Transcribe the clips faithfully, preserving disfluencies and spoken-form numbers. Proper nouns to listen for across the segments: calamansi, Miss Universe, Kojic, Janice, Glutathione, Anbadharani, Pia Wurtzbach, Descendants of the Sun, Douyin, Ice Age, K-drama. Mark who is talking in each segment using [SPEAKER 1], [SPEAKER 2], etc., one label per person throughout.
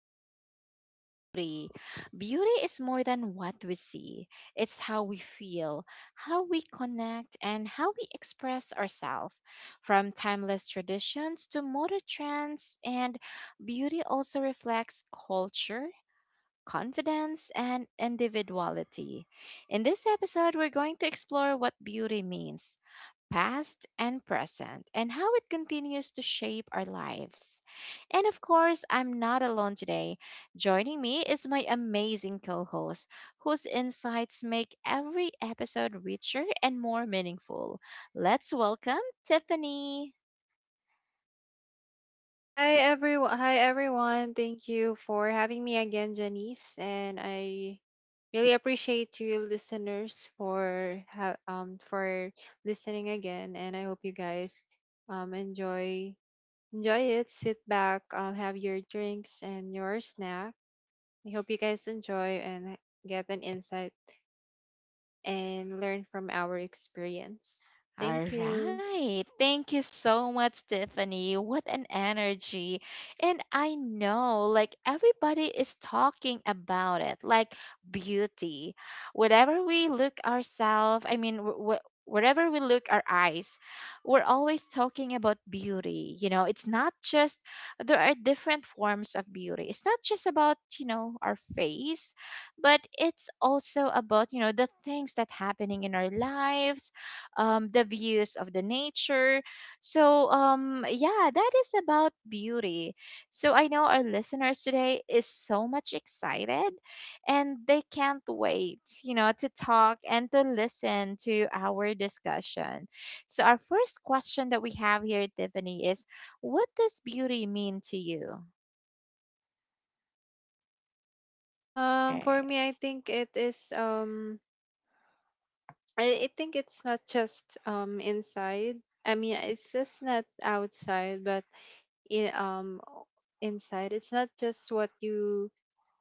[SPEAKER 1] to talk about beauty. Beauty is more than what we see, it's how we feel, how we connect, and how we express ourselves. From timeless traditions to modern trends, and beauty also reflects culture. Confidence and individuality. In this episode, we're going to explore what beauty means past and present, and how it continues to shape our lives. And of course, I'm not alone today. Joining me is my amazing co host, whose insights make every episode richer and more meaningful. Let's welcome Tiffany.
[SPEAKER 2] Hi everyone. Hi everyone. Thank you for having me again, Janice, and I really appreciate you listeners for ha- um for listening again, and I hope you guys um enjoy enjoy it. Sit back, um have your drinks and your snack. I hope you guys enjoy and get an insight and learn from our experience. Thank
[SPEAKER 1] All
[SPEAKER 2] you.
[SPEAKER 1] right. Thank you so much, Tiffany. What an energy. And I know, like, everybody is talking about it, like beauty. Whatever we look ourselves, I mean, wh- wh- wherever we look our eyes, we're always talking about beauty. You know, it's not just, there are different forms of beauty. It's not just about, you know, our face, but it's also about, you know, the things that happening in our lives, um, the views of the nature. So, um, yeah, that is about beauty. So, I know our listeners today is so much excited and they can't wait, you know, to talk and to listen to our discussion. So, our first question that we have here, Tiffany, is what does beauty mean to you?
[SPEAKER 2] Um for
[SPEAKER 1] Right.
[SPEAKER 2] me, I think it is um I, I think it's not just um inside. I mean, it's just not outside, but in, um o- inside. It's not just what you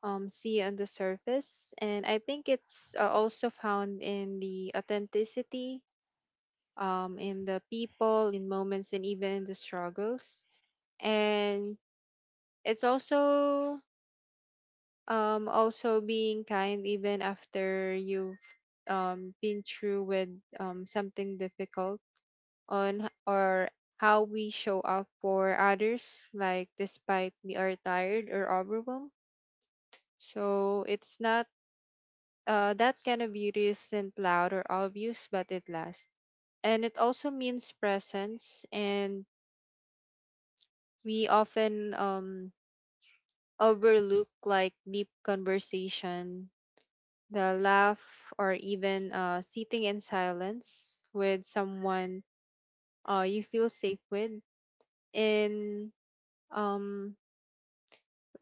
[SPEAKER 2] um see on the surface, and I think it's uh, also found in the authenticity, um, in the people, in moments, and even in the struggles. And it's also um also being kind even after you've um been through with um something difficult on h- or how we show up for others, like despite we are tired or overwhelmed. So it's not uh, that kind of beauty isn't loud or obvious, but it lasts. And it also means presence, and we often um, overlook like deep conversation, the laugh, or even uh, sitting in silence with someone uh, you feel safe with. In um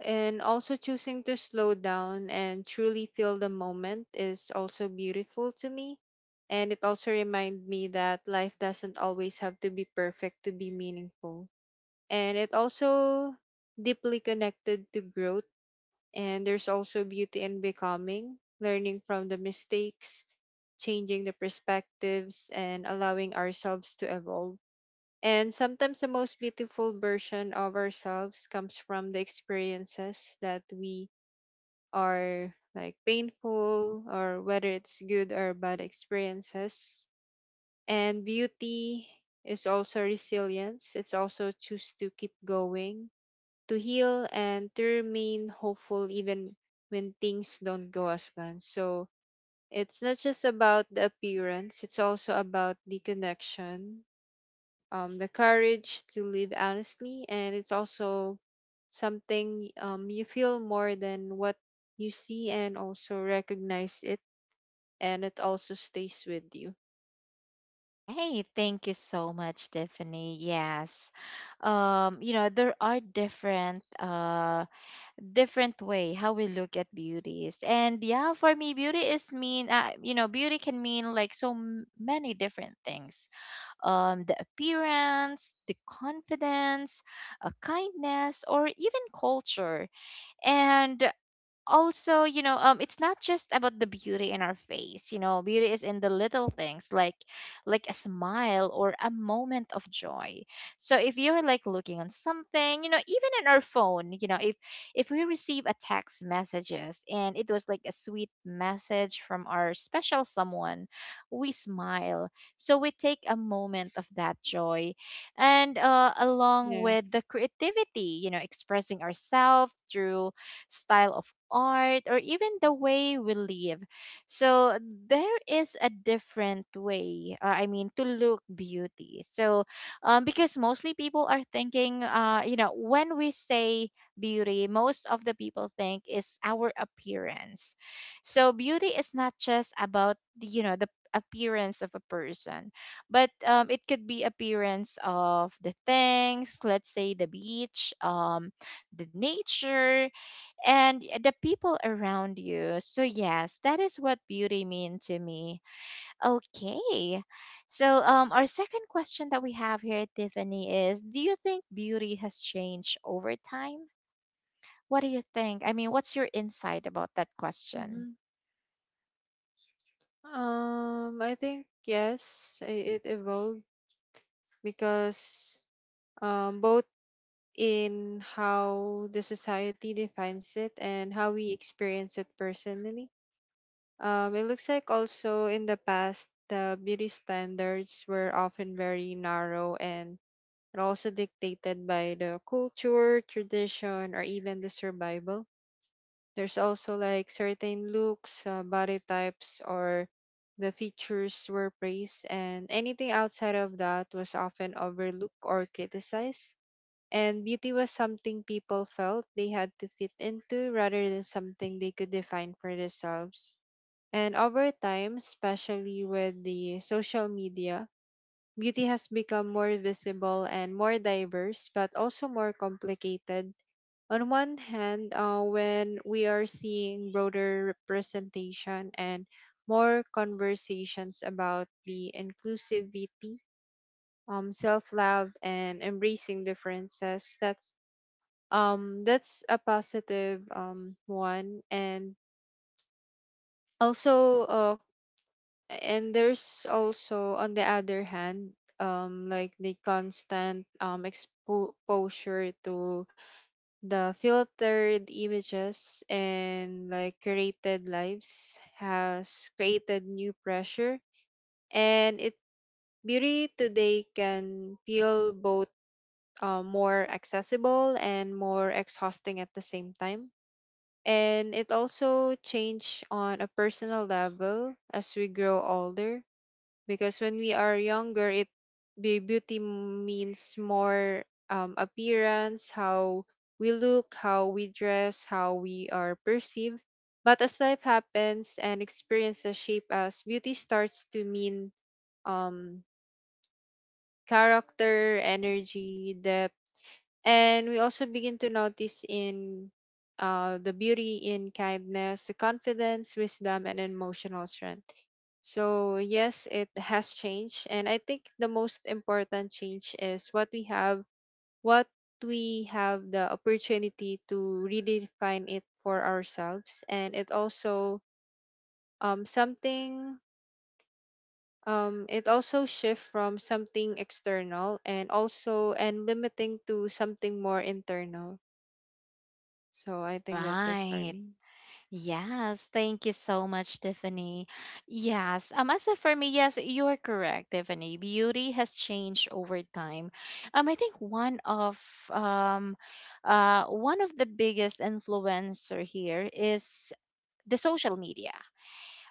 [SPEAKER 2] and also choosing to slow down and truly feel the moment is also beautiful to me, and it also reminds me that life doesn't always have to be perfect to be meaningful, and it also deeply connected to growth, and there's also beauty in becoming, learning from the mistakes, changing the perspectives, and allowing ourselves to evolve, and sometimes the most beautiful version of ourselves comes from the experiences that we are, like, painful, or whether it's good or bad experiences. And beauty is also resilience. It's also choose to keep going, to heal, and to remain hopeful even when things don't go as planned. So it's not just about the appearance, it's also about the connection, um, the courage to live honestly, and it's also something, um, you feel more than what you see and also recognize it, and it also stays with you.
[SPEAKER 1] Okay, thank you so much, Tiffany. Yes, um you know there are different uh different way how we look at beauties. And yeah, for me beauty is mean, uh, you know, beauty can mean like so m- many different things, um, the appearance, the confidence, uh, kindness, or even culture. And also, you know, um it's not just about the beauty in our face. You know, beauty is in the little things, like like a smile or a moment of joy. So if you're like looking on something, you know, even in our phone, you know, if if we receive a text messages and it was like a sweet message from our special someone, we smile, so we take a moment of that joy. And uh, along with the
[SPEAKER 2] Yes.
[SPEAKER 1] creativity, you know, expressing ourselves through style of art, or even the way we live. So there is a different way, uh, I mean, to look beauty. So, um, because mostly people are thinking, uh, you know, when we say beauty, most of the people think is our appearance. So beauty is not just about the, you know, the appearance of a person, but, um, it could be appearance of the things. Let's say the beach, um, the nature, and the people around you. So yes, that is what beauty mean to me. Okay. So, um, our second question that we have here, Tiffany, is do you think beauty has changed over time? What do you think? I mean, what's your insight about that question?
[SPEAKER 2] hmm Um, I think yes, i- it evolved because, um, both in how the society defines it and how we experience it personally. Um, it looks like also in the past, the beauty standards were often very narrow and are also dictated by the culture, tradition, or even the survival. There's also like certain looks, uh, body types, or the features were praised, and anything outside of that was often overlooked or criticized. And beauty was something people felt they had to fit into rather than something they could define for themselves. And over time, especially with the social media, beauty has become more visible and more diverse, but also more complicated. On one hand, uh, when we are seeing broader representation and more conversations about the inclusivity, um, self-love, and embracing differences, that's um, that's a positive, um, one, and also uh, and there's also on the other hand, um like the constant um exposure to the filtered images and like curated lives has created new pressure, and it beauty today can feel both, uh, more accessible and more exhausting at the same time, and it also change on a personal level as we grow older, because when we are younger, it be- beauty means more, um, appearance, how we look, how we dress, how we are perceived, but as life happens and experiences shape us, beauty starts to mean, um, character, energy, depth, and we also begin to notice in, uh, the beauty in kindness, the confidence, wisdom, and emotional strength. So yes, it has changed. And I think the most important change is what we have, what we have the opportunity to redefine it for ourselves. And it also, um, something, um, it also shift from something external and also, and limiting to something more internal. So I think that's it for
[SPEAKER 1] Right.
[SPEAKER 2] me.
[SPEAKER 1] Yes, thank you so much, Tiffany. Yes, um, as of for me, yes, you are correct, Tiffany. Beauty has changed over time. Um, I think one of, um, uh, one of the biggest influencer here is the social media.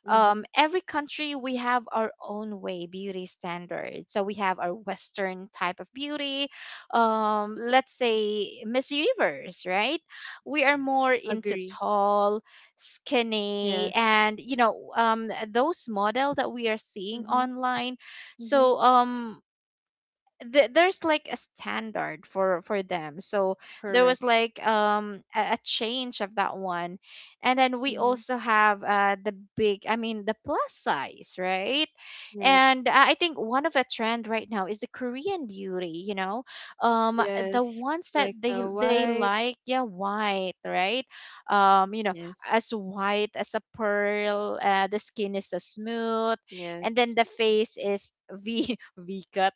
[SPEAKER 2] Mm-hmm.
[SPEAKER 1] Um, every country we have our own way beauty standards. So we have our Western type of beauty. Um, let's say Miss Universe, right? We are more into
[SPEAKER 2] Agree.
[SPEAKER 1] tall, skinny,
[SPEAKER 2] Yes.
[SPEAKER 1] and you know, um, those model that we are seeing
[SPEAKER 2] Mm-hmm.
[SPEAKER 1] online.
[SPEAKER 2] Mm-hmm.
[SPEAKER 1] So, um, th- there's like a standard for for them. So there
[SPEAKER 2] Correct.
[SPEAKER 1] was like, um, a, a change of that one. And then we
[SPEAKER 2] Mm.
[SPEAKER 1] also have, uh, the big, I mean the plus size, right?
[SPEAKER 2] Yes.
[SPEAKER 1] And i I think one of a trend right now is the Korean beauty, you know, um, the
[SPEAKER 2] Yes,
[SPEAKER 1] ones that
[SPEAKER 2] like
[SPEAKER 1] they
[SPEAKER 2] the
[SPEAKER 1] they
[SPEAKER 2] white.
[SPEAKER 1] like, yeah, white, right? Um, you know,
[SPEAKER 2] Yes,
[SPEAKER 1] as white as a pearl, uh, the skin is so smooth, and
[SPEAKER 2] yes,
[SPEAKER 1] then the face is v v cut,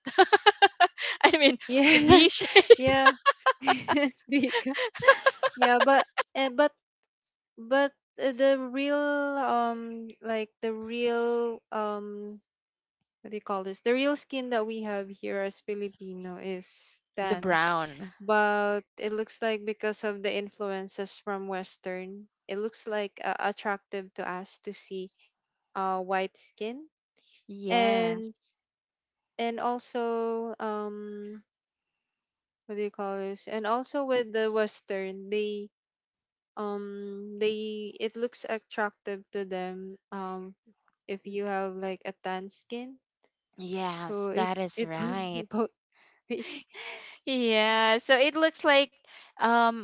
[SPEAKER 1] I mean,
[SPEAKER 2] yeah,
[SPEAKER 1] V shape.
[SPEAKER 2] yeah. It's big. Yeah, but and but but uh, the real, um like the real um what do you call this? The real skin that we have here as Filipino is
[SPEAKER 1] The
[SPEAKER 2] tan.
[SPEAKER 1] brown.
[SPEAKER 2] But it looks like because of the influences from Western, it looks like, uh, attractive to us to see, uh, white skin. And
[SPEAKER 1] Yes.
[SPEAKER 2] and also um what do you call this, and also with the Western, they um they, it looks attractive to them, um, if you have like a tan skin.
[SPEAKER 1] Yes,
[SPEAKER 2] So it
[SPEAKER 1] that is
[SPEAKER 2] it
[SPEAKER 1] right.
[SPEAKER 2] both ways,
[SPEAKER 1] Yeah, so it looks like, um,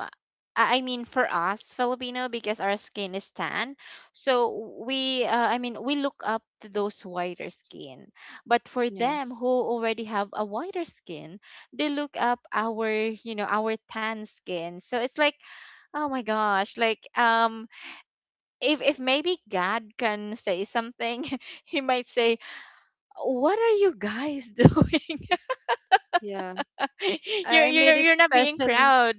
[SPEAKER 1] I I mean for us Filipino, because our skin is tan, so we, uh, I mean we look up to those whiter skin. But for them who
[SPEAKER 2] yes.
[SPEAKER 1] already have a whiter skin, they look up our, you know, our tan skin. So it's like, oh my gosh, like, um, if if maybe God can say something, he might say, "What are you guys doing?
[SPEAKER 2] Yeah,
[SPEAKER 1] You're
[SPEAKER 2] I, I
[SPEAKER 1] you're
[SPEAKER 2] made
[SPEAKER 1] you're
[SPEAKER 2] it
[SPEAKER 1] not being
[SPEAKER 2] specially,
[SPEAKER 1] proud."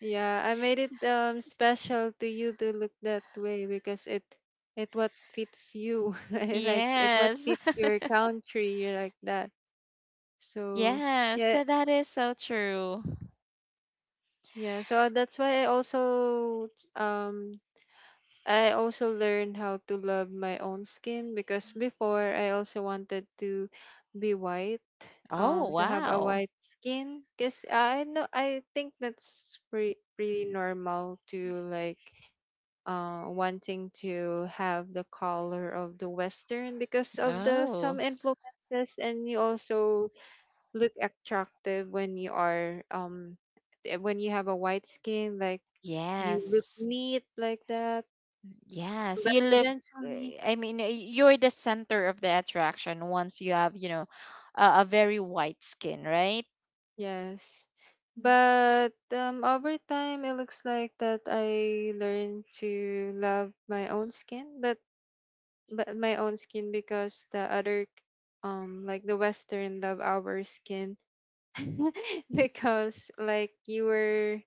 [SPEAKER 2] yeah, I made it, um, special to you to look that way, because it it what fits you, like it what
[SPEAKER 1] Yes.
[SPEAKER 2] fits your country, like that. So
[SPEAKER 1] Yes,
[SPEAKER 2] yeah.
[SPEAKER 1] so that is so true.
[SPEAKER 2] Yeah, so, uh, that's why I also, um I also learned how to love my own skin, because before I also wanted to be white,
[SPEAKER 1] Oh,
[SPEAKER 2] um, to have a
[SPEAKER 1] wow.
[SPEAKER 2] white skin, because I know, I think that's pretty pretty normal to like, uh, wanting to have the color of the Western because of the
[SPEAKER 1] Oh,
[SPEAKER 2] some influences, and you also look attractive when you are um eh, when you have a white skin, like you look
[SPEAKER 1] yes.
[SPEAKER 2] neat like that.
[SPEAKER 1] Yes,
[SPEAKER 2] But
[SPEAKER 1] you look, uh,
[SPEAKER 2] eventually,
[SPEAKER 1] I mean, uh, you're the center of the attraction once you have, you know, a, a very white skin, right?
[SPEAKER 2] yes. But, um, over time it looks like that I learned to love my own skin, but but my own skin, because the other, um like the Western love our skin because like you were,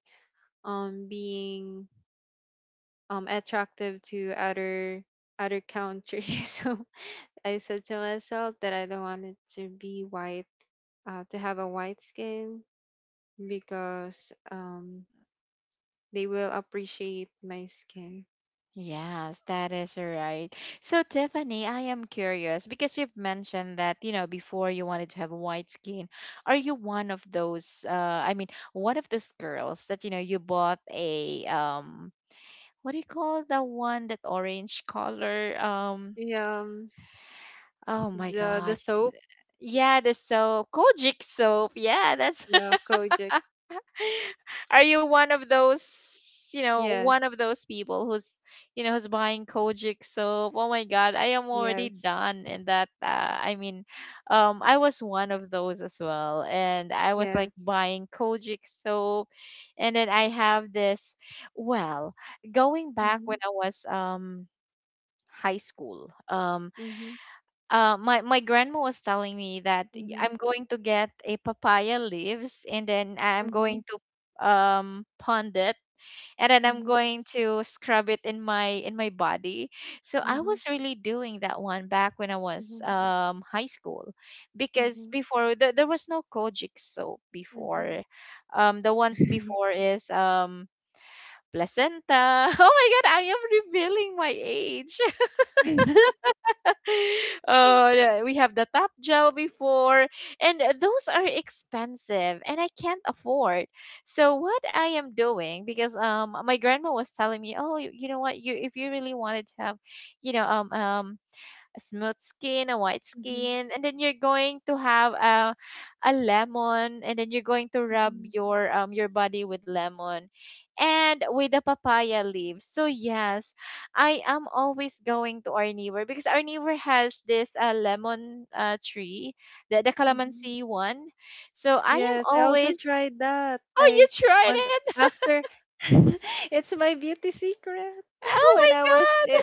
[SPEAKER 2] um, being, um, attractive to other other countries. So I said to myself that I don't want it to be white, uh, to have a white skin, because, um, they will appreciate my skin.
[SPEAKER 1] Yes, that is right. So, Tiffany, I am curious because you've mentioned that, you know, before you wanted to have white skin. Are you one of those, uh, I mean, one of those girls that, you know, you bought a, um, what do you call the one that orange color? Um,
[SPEAKER 2] Yeah, um,
[SPEAKER 1] oh my
[SPEAKER 2] the the
[SPEAKER 1] God.
[SPEAKER 2] soap.
[SPEAKER 1] Yeah, the soap, Kojic soap. Yeah, that's.
[SPEAKER 2] Yeah, Kojic.
[SPEAKER 1] Are you one of those, you know,
[SPEAKER 2] Yes,
[SPEAKER 1] one of those people who's, you know, who's buying Kojic soap? Oh my God, I am already
[SPEAKER 2] yes,
[SPEAKER 1] done in that. Uh, I mean, um,
[SPEAKER 2] y-
[SPEAKER 1] I was one of those as well, and I was
[SPEAKER 2] yes.
[SPEAKER 1] like buying Kojic soap, and then I have this. Well, going back
[SPEAKER 2] Mhm,
[SPEAKER 1] when I was, um, high school, um,
[SPEAKER 2] mhm,
[SPEAKER 1] uh, my my grandma was telling me that y-
[SPEAKER 2] mhm,
[SPEAKER 1] I'm going to get a papaya leaves, and then I'm
[SPEAKER 2] mhm,
[SPEAKER 1] going to, um, pond it and then I'm
[SPEAKER 2] mhm,
[SPEAKER 1] going to scrub it in my in my body. So I
[SPEAKER 2] mhm,
[SPEAKER 1] was really doing that one back when I was,
[SPEAKER 2] mhm,
[SPEAKER 1] um, high school, because
[SPEAKER 2] mhm,
[SPEAKER 1] before there there was no Kojic soap
[SPEAKER 2] mhm,
[SPEAKER 1] before. Um, the ones
[SPEAKER 2] mhm.
[SPEAKER 1] before is, um, placenta. Oh my god, I am revealing my age. Uh, yeah, we have the top gel before, and uh, those are expensive, and I can't afford. So what I am doing, because, um, my grandma was telling me, oh, you, you know what, you if you really wanted to have, you know, um, um a smooth skin, a white
[SPEAKER 2] Mhm, mhm,
[SPEAKER 1] skin, and then you're going to have a a lemon, and then you're going to rub
[SPEAKER 2] mhm,
[SPEAKER 1] your, um, your body with lemon, and with the papaya leaves. So yes, I am always going to our neighbor because our neighbor has this, uh, lemon, uh, tree, the the
[SPEAKER 2] mhm.
[SPEAKER 1] calamansi one. So I am
[SPEAKER 2] Yes, I also
[SPEAKER 1] always.
[SPEAKER 2] tried that.
[SPEAKER 1] Oh, you
[SPEAKER 2] I
[SPEAKER 1] tried
[SPEAKER 2] want
[SPEAKER 1] it!
[SPEAKER 2] after it's my beauty secret.
[SPEAKER 1] Oh
[SPEAKER 2] When I was
[SPEAKER 1] my
[SPEAKER 2] in,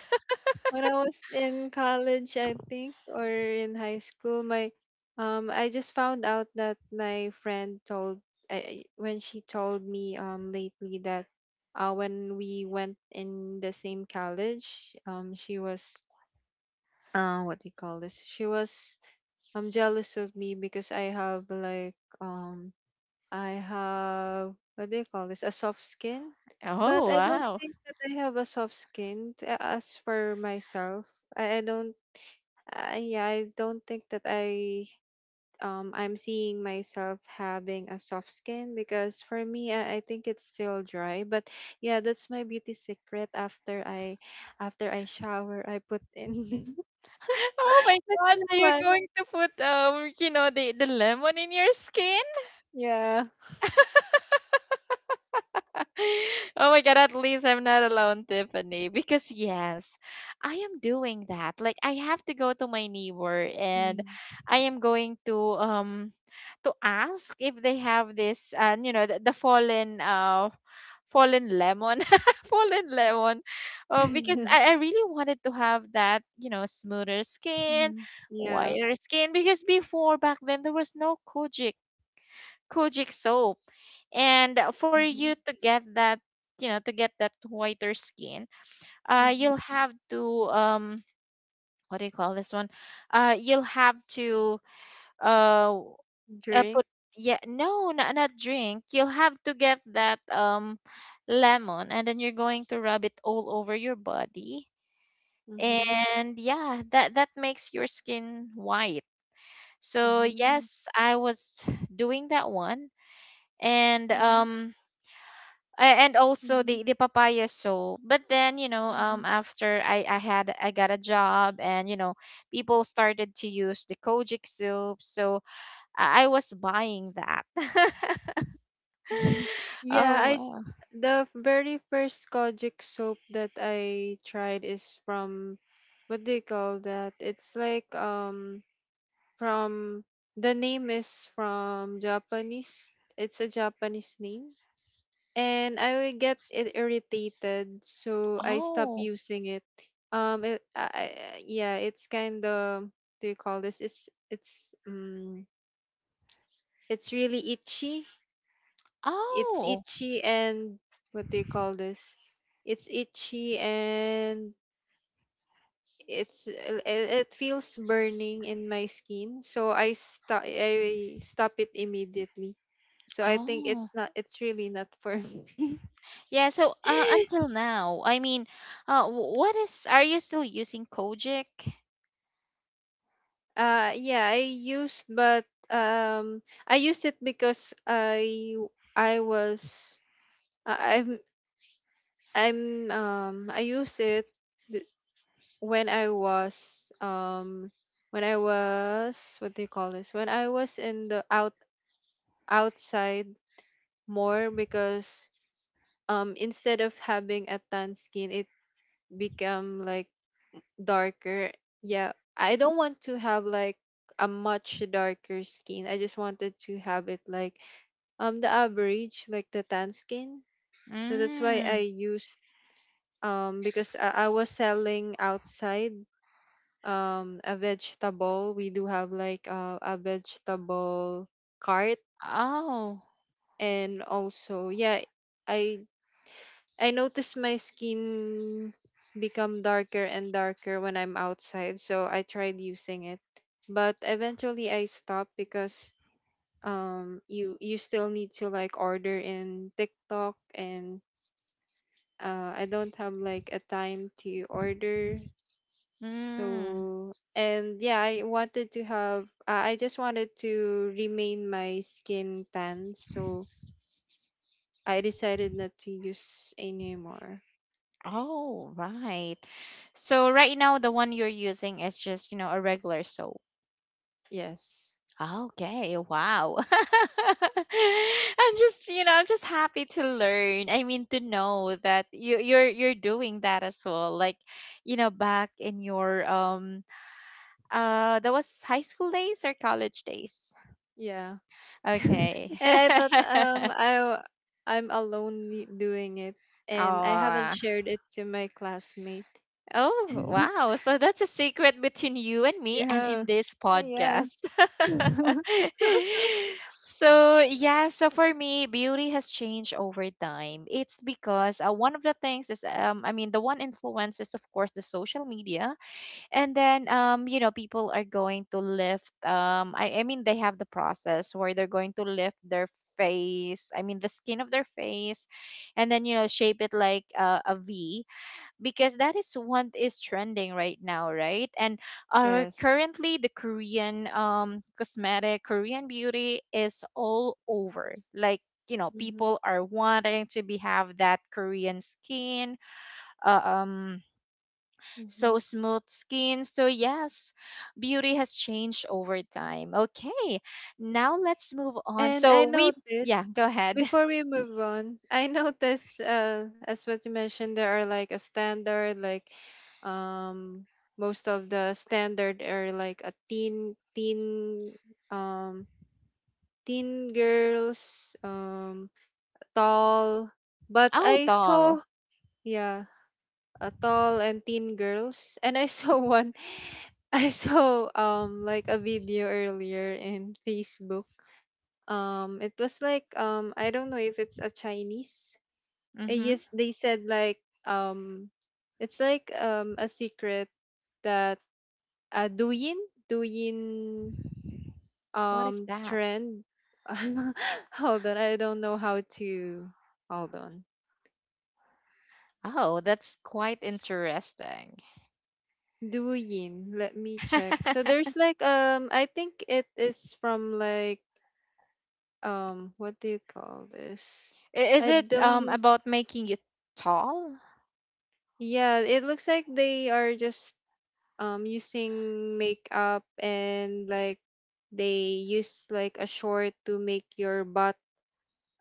[SPEAKER 2] when I was in college, I think, or in high school, my, um I just found out that my friend told, I, I- when she told me, um, lately that, uh, when we went in the same college, um, she was uh what do you call this? She was, um, jealous of me because I have like, um I have what do you call this? A soft skin,
[SPEAKER 1] god! Oh
[SPEAKER 2] but I don't
[SPEAKER 1] wow!
[SPEAKER 2] think that I have a soft skin. t- a- As for myself, I, I don't. I, yeah, I don't think that I um I'm seeing myself having a soft skin, because for me, I, I think it's still dry. But yeah, that's my beauty secret. After I after I shower, I put in
[SPEAKER 1] Oh my
[SPEAKER 2] the
[SPEAKER 1] god, so you're
[SPEAKER 2] cremas.
[SPEAKER 1] going to put, um, you know, the, the lemon in your skin?
[SPEAKER 2] Yeah.
[SPEAKER 1] Oh my god, at least I'm not alone, Tiffany. Because yes, I am doing that. Like I have to go to my neighbor and
[SPEAKER 2] Yeah.
[SPEAKER 1] I am going to, um, to ask if they have this, uh, you know, the, the fallen uh fallen lemon fallen lemon, uh, because I, I really wanted to have that, you know, smoother skin,
[SPEAKER 2] Mhm, yeah.
[SPEAKER 1] whiter skin, because before back then there was no kojic kojic soap. And uh, for you
[SPEAKER 2] Mm-hmm.
[SPEAKER 1] to get that, you know, to get that whiter skin, uh, you'll have to, um, what do you call this one, uh, you'll have to, uh, uh, put, yeah, no, not not drink. You'll have to get that, um, lemon and then you're going to rub it all over your body.
[SPEAKER 2] Mhm.
[SPEAKER 1] And yeah, that that makes your skin white. So
[SPEAKER 2] Mhm.
[SPEAKER 1] yes, I was doing that one. And,
[SPEAKER 2] Mhm.
[SPEAKER 1] um, a- and also
[SPEAKER 2] Mhm.
[SPEAKER 1] the the papaya soap. But then, you know, um,
[SPEAKER 2] Mhm.
[SPEAKER 1] after I I had I got a job and you know, people started to use the Kojic soap. So I I was buying that.
[SPEAKER 2] Yeah,
[SPEAKER 1] Oh
[SPEAKER 2] I
[SPEAKER 1] wow.
[SPEAKER 2] the very first Kojic soap that I tried is from, what do you call that? It's like, um, from the name is from Japanese. It's a Japanese name. And I will get it irritated, so I stop
[SPEAKER 1] Oh.
[SPEAKER 2] using it. Um, it, I, I- yeah, it's kind of, do you call this? It's it's um It's really itchy. It's
[SPEAKER 1] Oh.
[SPEAKER 2] itchy and, what do you call this? It's itchy, and it's it, it feels burning in my skin. So I stop I stop it immediately. So I think
[SPEAKER 1] Oh.
[SPEAKER 2] it's not, it's really not for me.
[SPEAKER 1] Yeah, so uh, until now, I mean, uh, wh- what is, are you still using Kojic?
[SPEAKER 2] Uh yeah, I used, but, um, I used it because I I was I- I'm I'm um I use it when I was, um, when I was, what do you call this? When I was in the out outside more, because, um, instead of having a tan skin, it become like darker. Yeah. I don't want to have like a much darker skin. I just wanted to have it like, um, the average, like the tan skin. So that's why
[SPEAKER 1] Mm.
[SPEAKER 2] I used, um, because I, I was selling outside, um, a vegetable. We do have like, uh, a vegetable cart.
[SPEAKER 1] Oh.
[SPEAKER 2] And also yeah, I I noticed my skin become darker and darker when I'm outside, so I tried using it. But eventually I stopped because, um, you you still need to like order in TikTok, and, uh, I don't have like a time to order.
[SPEAKER 1] Mm.
[SPEAKER 2] So, and yeah, I wanted to have, uh, I just wanted to remain my skin tan. So I decided not to use anymore.
[SPEAKER 1] Oh, right. So right now the one you're using is just, you know, a regular soap.
[SPEAKER 2] Yes.
[SPEAKER 1] Okay, wow. I'm just, you know, I'm just happy to learn. I mean, to know that you you're you're doing that as well. Like, you know, back in your, um, uh, that was high school days or college days?
[SPEAKER 2] Yeah.
[SPEAKER 1] Okay.
[SPEAKER 2] And I thought, um, I, w- I'm alone y- doing it, and I haven't
[SPEAKER 1] Oh,
[SPEAKER 2] shared it to my classmate.
[SPEAKER 1] oh, wow. So that's a secret between you and me and
[SPEAKER 2] Yeah.
[SPEAKER 1] in this
[SPEAKER 2] Yeah.
[SPEAKER 1] podcast. So, yeah, so for me, beauty has changed over time. It's because, uh, one of the things is, um, I mean, the one influence is, of course, the social media. And then, um, you know, people are going to lift, um, I, I mean they have the process where they're going to lift their face, I mean the skin of their face, and then, you know, shape it like, uh, a v, because that is what is trending right now, right? And our
[SPEAKER 2] Yes.
[SPEAKER 1] currently the Korean, um, cosmetic Korean beauty is all over. Like, you know,
[SPEAKER 2] Mm-hmm.
[SPEAKER 1] people are wanting to be have that Korean skin, uh, um,
[SPEAKER 2] Mm-hmm.
[SPEAKER 1] so smooth skin. So, yes, beauty has changed over time. Okay, now let's move on.
[SPEAKER 2] And I
[SPEAKER 1] So, we, yeah,
[SPEAKER 2] noticed,
[SPEAKER 1] go ahead.
[SPEAKER 2] before we move on, I noticed, uh, as what you mentioned, there are like a standard, like, um, most of the standard are like a teen, teen, um, teen girls, um, tall. But
[SPEAKER 1] Oh,
[SPEAKER 2] I
[SPEAKER 1] tall.
[SPEAKER 2] saw, yeah, a tall and teen girls, and I saw one. I saw, um, like a video earlier in Facebook, um, it was like, um, I don't know if it's a Chinese. Uh,
[SPEAKER 1] Mm-hmm.
[SPEAKER 2] yes, they said like um, it's like um a secret that uh Douyin. Douyin
[SPEAKER 1] What is
[SPEAKER 2] um
[SPEAKER 1] that?
[SPEAKER 2] trend. Hold on, I don't know how to. Hold on.
[SPEAKER 1] Oh, that's quite
[SPEAKER 2] S-
[SPEAKER 1] interesting.
[SPEAKER 2] Douyin, let me check. So
[SPEAKER 1] I-
[SPEAKER 2] there's like um, I think it is from like um, what do you call this?
[SPEAKER 1] is
[SPEAKER 2] I
[SPEAKER 1] it um
[SPEAKER 2] don't.
[SPEAKER 1] about making you tall?
[SPEAKER 2] Yeah, it looks like they are just um using makeup, and like they use like a short to make your butt,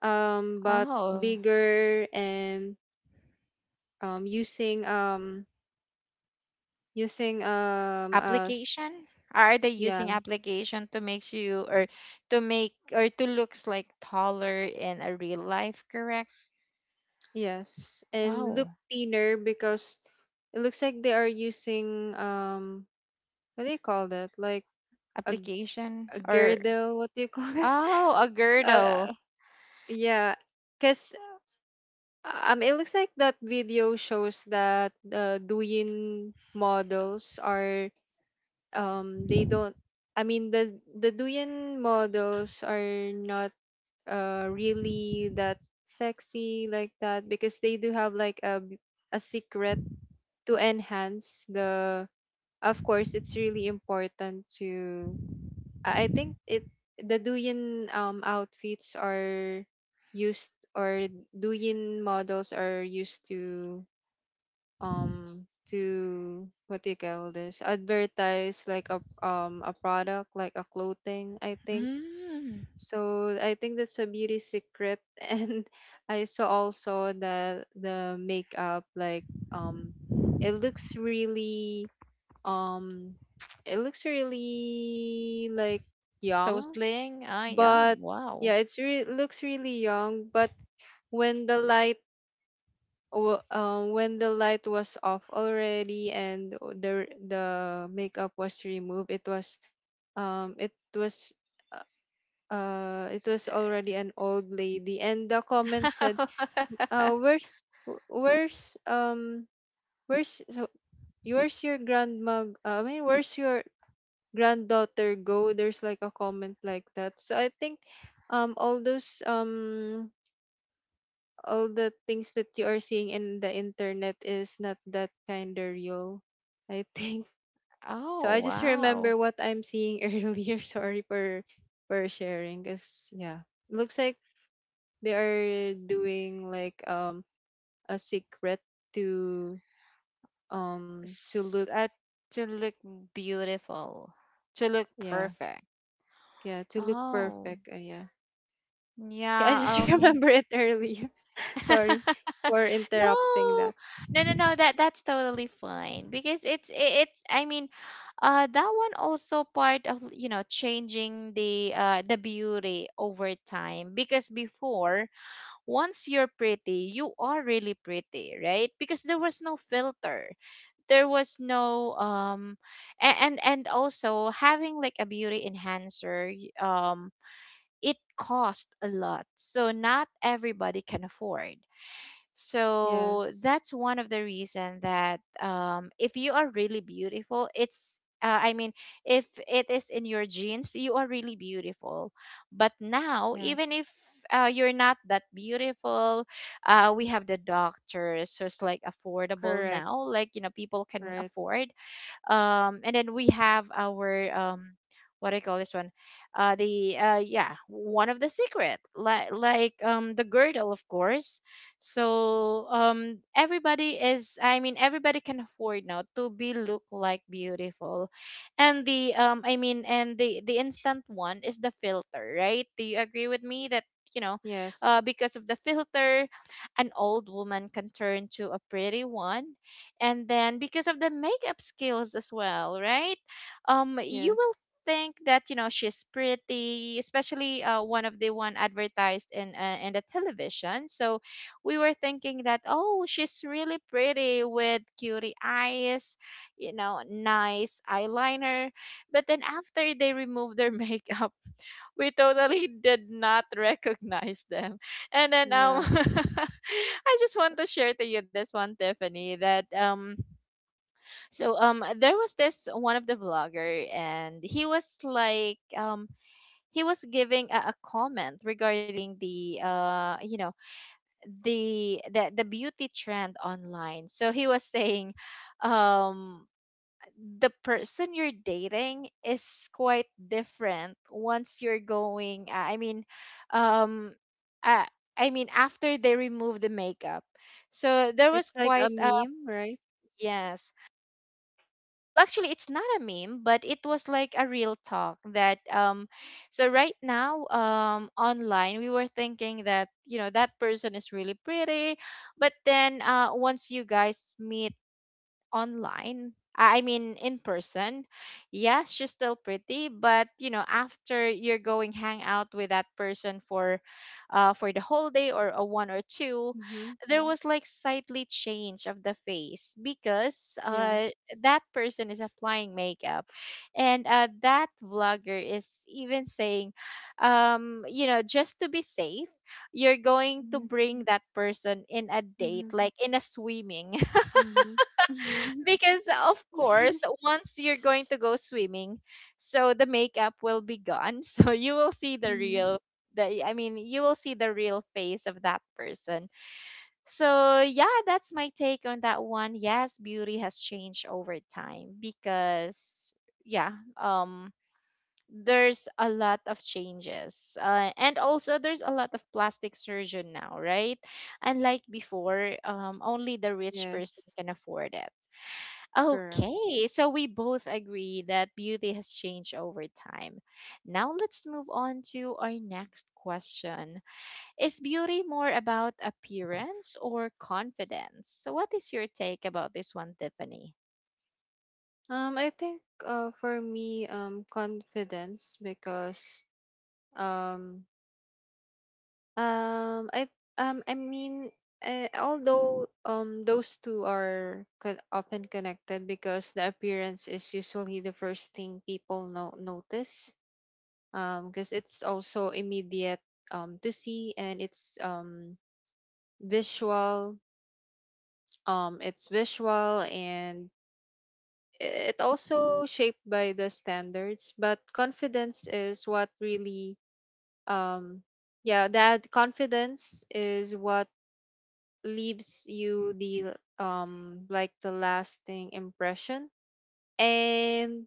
[SPEAKER 2] um butt
[SPEAKER 1] Oh,
[SPEAKER 2] bigger, and um using um using um uh s-
[SPEAKER 1] application? Are they
[SPEAKER 2] yeah.
[SPEAKER 1] using application to make you or to make or to looks like taller in a real life, correct?
[SPEAKER 2] Yes, and look
[SPEAKER 1] Oh.
[SPEAKER 2] thinner because it looks like they are using um what do you call that, like a,
[SPEAKER 1] Application
[SPEAKER 2] a
[SPEAKER 1] or
[SPEAKER 2] girdle, what do you call this?
[SPEAKER 1] oh, a
[SPEAKER 2] uh,
[SPEAKER 1] girdle.
[SPEAKER 2] yeah, because Um, it looks like that video shows that uh, Douyin models are um they don't. I mean, the the Douyin models are not uh really that sexy like that, because they do have like a b- a secret to enhance the, of course it's really important to, I I think it, the Douyin um outfits are used, or Douyin models are used to um to, what do you call this, advertise like a, um a product, like a clothing, I think.
[SPEAKER 1] Mm.
[SPEAKER 2] So I think that's a beauty secret. And I saw also the the makeup, like um it looks really um it looks really like
[SPEAKER 1] So
[SPEAKER 2] young.
[SPEAKER 1] sling. Ah, yeah.
[SPEAKER 2] But
[SPEAKER 1] Wow.
[SPEAKER 2] yeah, it's re- looks really young, but when the light, w- um, when the light was off already, and o- the r- the makeup was removed, it was um it was uh uh, it was already an old lady, and the comment said uh where's, wh- where's um where's, so where's your grandma, g- uh, I mean, where's your granddaughter go? There's like a comment like that. So I think um all those um all the things that you are seeing in the internet is not that kind of real, I think. So
[SPEAKER 1] Oh,
[SPEAKER 2] I just
[SPEAKER 1] wow.
[SPEAKER 2] remember what I'm seeing earlier. Sorry for for sharing, cause yeah, looks like they are doing like um a secret to, um to
[SPEAKER 1] S-
[SPEAKER 2] look,
[SPEAKER 1] uh, to look beautiful, to look
[SPEAKER 2] yeah.
[SPEAKER 1] perfect.
[SPEAKER 2] Yeah, to look
[SPEAKER 1] Oh,
[SPEAKER 2] perfect. Uh, yeah. Yeah, I
[SPEAKER 1] yeah.
[SPEAKER 2] just
[SPEAKER 1] Um,
[SPEAKER 2] remember it earlier.
[SPEAKER 1] no,
[SPEAKER 2] Sorry for interrupting
[SPEAKER 1] no,
[SPEAKER 2] that.
[SPEAKER 1] no, no. That that's totally fine because it's i- it's. I mean, uh that one also part of, you know, changing the uh the beauty over time. Because before, once you're pretty, you are really pretty, right? Because there was no filter, there was no um a- and and also having like a beauty enhancer, y- um it cost a lot, so not everybody can afford. So
[SPEAKER 2] Yes,
[SPEAKER 1] that's one of the reason that, um, if you are really beautiful, it's uh, I mean, if it is in your genes, you are really beautiful. But now, even
[SPEAKER 2] yes,
[SPEAKER 1] if uh, you're not that beautiful, uh, we have the doctors who's like affordable
[SPEAKER 2] correct,
[SPEAKER 1] now. Like, you know, people can
[SPEAKER 2] right.
[SPEAKER 1] afford. Um and then we have our um what do you call this one, uh the uh yeah, one of the secret, like like um the girdle, of course. So um everybody is, I mean, everybody can afford now to be look like beautiful. And the, um I mean, and the the instant one is the filter, right? Do you agree with me that, you know,
[SPEAKER 2] Yes.
[SPEAKER 1] uh because of the filter, an old woman can turn to a pretty one. And then because of the makeup skills as well, right? Um you will
[SPEAKER 2] Yes.
[SPEAKER 1] think that, you know, she's pretty, especially uh, one of the one advertised in uh, in the television. So we were thinking that, oh, she's really pretty with cutie eyes, you know, nice eyeliner. But then after they removed their makeup, we totally did not recognize them. And then um
[SPEAKER 2] Yeah.
[SPEAKER 1] I just want to share to you this one, Tiffany, that um so um there was this one of the vlogger, and he was like, um he was giving a, a comment regarding the uh you know, the the the beauty trend online. So he was saying, um the person you're dating is quite different once you're going, uh, I mean, um uh, I mean, after they remove the makeup. So there was
[SPEAKER 2] It's like a
[SPEAKER 1] quite uh,
[SPEAKER 2] meme, right?
[SPEAKER 1] yes. Well, actually, it's not a meme, but it was like a real talk that, um so right now, um online, we were thinking that, you know, that person is really pretty. But then uh once you guys meet online, I I mean, in person, yes, she's still pretty. But, you know, after you're going hang out with that person for uh for the whole day or a one or two,
[SPEAKER 2] Mm-hmm.
[SPEAKER 1] there was like slightly change of the face because
[SPEAKER 2] Yeah.
[SPEAKER 1] uh that person is applying makeup. And uh that vlogger is even saying, um you know, just to be safe, you're going to
[SPEAKER 2] Mm-hmm.
[SPEAKER 1] bring that person in a date
[SPEAKER 2] Mm-hmm.
[SPEAKER 1] like in a swimming.
[SPEAKER 2] Mm-hmm.
[SPEAKER 1] Because of course, once you're going to go swimming, so the makeup will be gone. So you will see the
[SPEAKER 2] Mm-hmm.
[SPEAKER 1] real, the I mean you will see the real face of that person. So yeah, that's my take on that one. Yes, beauty has changed over time because, yeah, um there's a lot of changes, uh, and also there's a lot of plastic surgeon now, right? Unlike before, um, only the rich person
[SPEAKER 2] Yes,
[SPEAKER 1] can afford it.
[SPEAKER 2] correct.
[SPEAKER 1] Okay, so we both agree that beauty has changed over time. Now let's move on to our next question. Is beauty more about appearance or confidence? So, what is your take about this one, Tiffany?
[SPEAKER 2] Um, I think uh for me, um confidence, because um um I um I mean, uh, although um those two are co- often connected, because the appearance is usually the first thing people no- notice, because it's also immediate, um, to see, and it's um, visual. um, it's visual, and i- it also shaped by the standards, but confidence is what really, um, yeah, that confidence is what leaves you the, um, like the lasting impression. And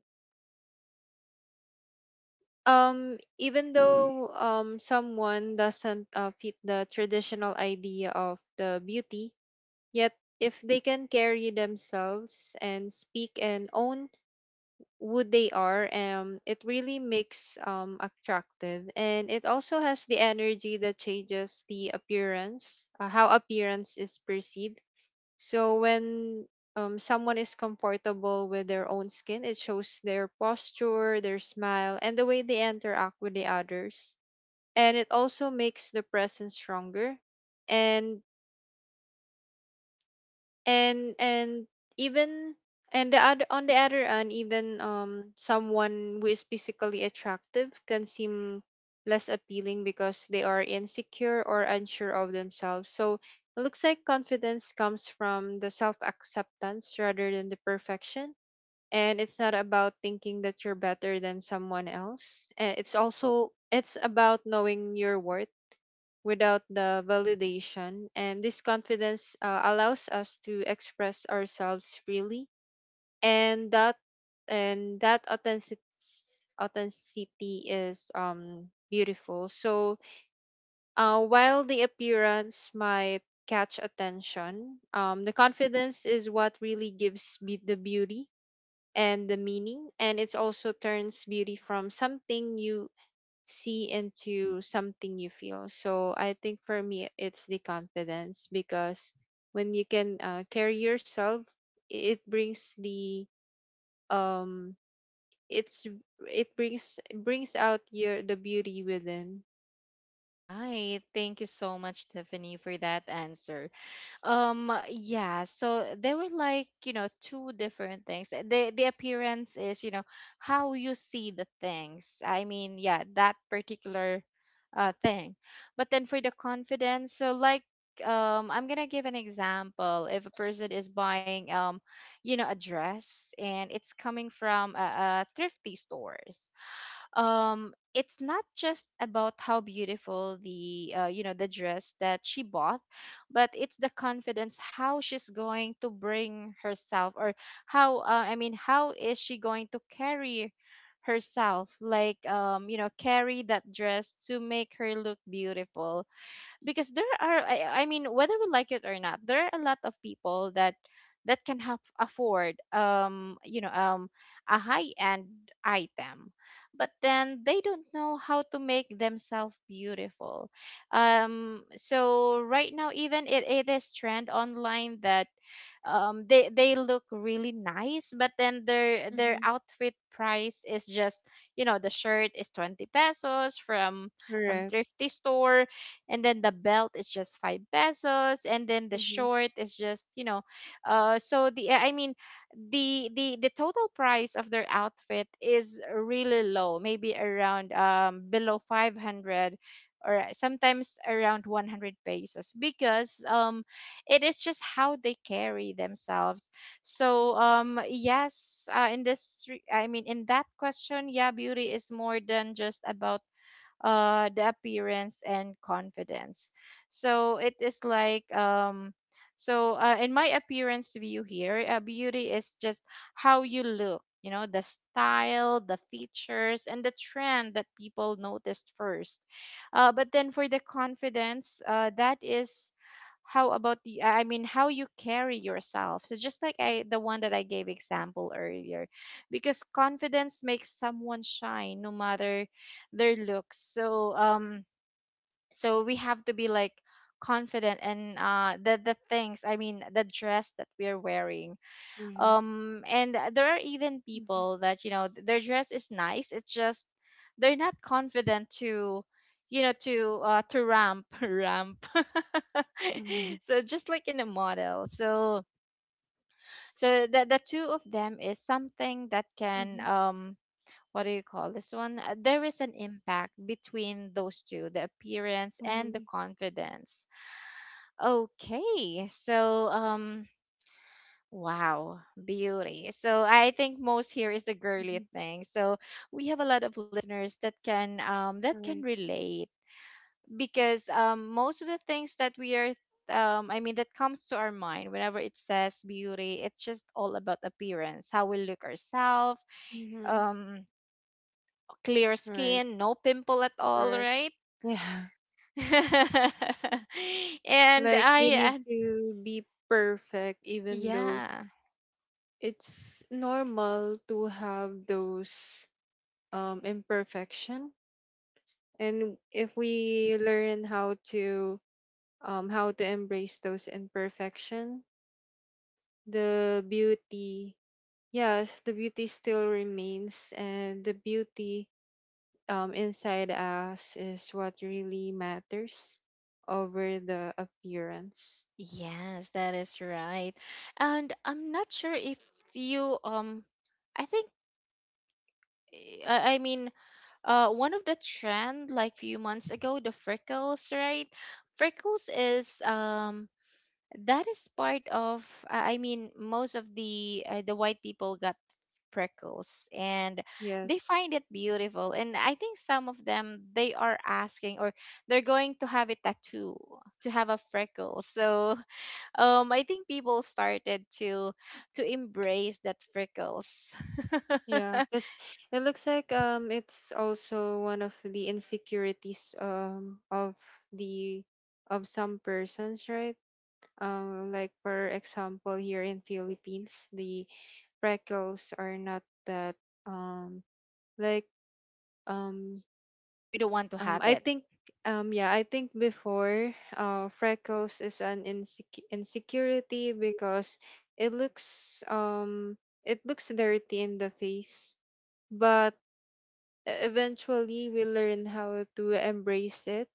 [SPEAKER 2] um even though um someone doesn't uh, fit the traditional idea of the beauty, yet if they can carry themselves and speak and own who they are, um it really makes um attractive, and it also has the energy that changes the appearance, uh, how appearance is perceived. So when um someone is comfortable with their own skin, it shows their posture, their smile, and the way they interact with the others, and it also makes the presence stronger. And and and even and the other, on the other hand, even um someone who is physically attractive can seem less appealing because they are insecure or unsure of themselves. So it looks like confidence comes from the self acceptance rather than the perfection, and it's not about thinking that you're better than someone else. Uh, it's also, it's about knowing your worth without the validation. And this confidence uh, allows us to express ourselves freely. And that and that authentic, authenticity is um beautiful. So uh, while the appearance might catch attention, um, the confidence is what really gives be- the beauty and the meaning, and it also turns beauty from something you see into something you feel. So I think for me, it's the confidence, because when you can uh, carry yourself, it brings the um it's it brings, brings out your, the beauty within.
[SPEAKER 1] Right. Thank you so much, Tiffany, for that answer. Um, yeah, so they were like, you know, two different things. The the appearance is, you know, how you see the things. I mean, yeah, that particular uh thing. But then for the confidence, so like, um I'm gonna give an example. If a person is buying, um, you know, a dress and it's coming from a, a thrifty stores, um it's not just about how beautiful the, uh, you know, the dress that she bought, but it's the confidence how she's going to bring herself, or how, uh, i mean how is she going to carry herself, like, um you know, carry that dress to make her look beautiful. Because there are, I, I mean, whether we like it or not, there are a lot of people that that can have afford, um you know, um a high end item, but then they don't know how to make themselves beautiful. Um so right now, even it, it is trend online that, um they they look really nice, but then their their
[SPEAKER 2] Mm-hmm.
[SPEAKER 1] outfit price is just, you know, the shirt is twenty pesos from from
[SPEAKER 2] Correct.
[SPEAKER 1] thrifty store, and then the belt is just five pesos, and then the
[SPEAKER 2] Mm-hmm.
[SPEAKER 1] short is just, you know, uh so the I mean the the the total price of their outfit is really low, maybe around um below five hundred or sometimes around one hundred pesos, because um it is just how they carry themselves. So um yes, uh, in this re- I mean in that question, yeah, beauty is more than just about uh, the appearance and confidence. So it is like, um, so uh, in my appearance view here, uh, beauty is just how you look. You know, the style, the features, and the trend that people noticed first. Uh, but then for the confidence, uh, that is how about the, I mean, how you carry yourself, so just like I the one that I gave example earlier. Because confidence makes someone shine no matter their looks. So um so we have to be like confident and uh the the things, I mean, the dress that we're wearing.
[SPEAKER 2] Mm-hmm.
[SPEAKER 1] Um and there are even people that, you know, th- their dress is nice. It's just they're not confident to, you know, to uh to ramp ramp.
[SPEAKER 2] Mhm.
[SPEAKER 1] So just like in a model. So so the the two of them is something that can,
[SPEAKER 2] Mm-hmm.
[SPEAKER 1] um what do you call this one? Uh, There is an impact between those two, the appearance and
[SPEAKER 2] Mm-hmm.
[SPEAKER 1] the confidence. Okay, so um wow, beauty. So I think most here is a girly
[SPEAKER 2] Mm-hmm.
[SPEAKER 1] thing. So we have a lot of listeners that can, um that
[SPEAKER 2] Right.
[SPEAKER 1] can relate. Because um most of the things that we are, um I mean, that comes to our mind whenever it says beauty, it's just all about appearance, how we look ourselves,
[SPEAKER 2] Mm-hmm.
[SPEAKER 1] um clear
[SPEAKER 2] Right.
[SPEAKER 1] skin, no pimple at all,
[SPEAKER 2] Correct.
[SPEAKER 1] right?
[SPEAKER 2] Yeah.
[SPEAKER 1] and
[SPEAKER 2] Like you
[SPEAKER 1] I,
[SPEAKER 2] need
[SPEAKER 1] uh,
[SPEAKER 2] to be perfect, even though
[SPEAKER 1] yeah,
[SPEAKER 2] it's normal to have those um, imperfection. And if we learn how to um, how to embrace those imperfection, the beauty, yes, the beauty still remains, and the beauty um, inside us is what really matters over the appearance.
[SPEAKER 1] yes, that is right. And I'm not sure if you, um, I think, eh, I I mean, uh, one of the trend like few months ago, the freckles, right? Freckles is, um that is part of, i I mean most of the, uh, the white people got freckles, and they
[SPEAKER 2] Yes.
[SPEAKER 1] find it beautiful. And I think some of them, they are asking, or they're going to have a tattoo to have a freckle, so. um I think people started to to embrace that freckles.
[SPEAKER 2] Yeah, because it looks like um it's also one of the insecurities um of the, of some persons, right? Um, like for example, here in Philippines, the freckles are not that um like um
[SPEAKER 1] We don't want to
[SPEAKER 2] um
[SPEAKER 1] have
[SPEAKER 2] I
[SPEAKER 1] it.
[SPEAKER 2] think, um yeah, I think before, uh freckles is an insec- insecurity, because it looks um it looks dirty in the face. But e-, eventually we learn how to embrace it.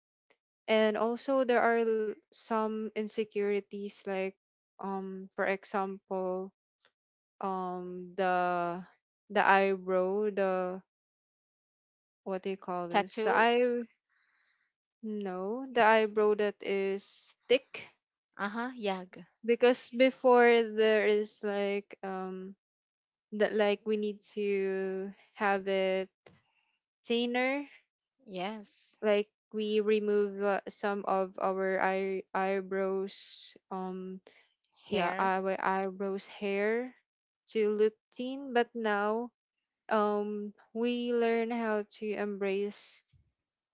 [SPEAKER 2] And also, there are l- some insecurities like um for example, um the the eyebrow, the, what do you
[SPEAKER 1] A
[SPEAKER 2] call this, the
[SPEAKER 1] tattoo.
[SPEAKER 2] eye, no, the eyebrow that is thick,
[SPEAKER 1] Uh-huh, yag.
[SPEAKER 2] because before there is like um that, like we need to have it thinner,
[SPEAKER 1] Yes.
[SPEAKER 2] like we remove uh, some of our eye- eyebrows, um yeah,
[SPEAKER 1] Hair.
[SPEAKER 2] our eyebrows hair to look thin. But now, um we learn how to embrace,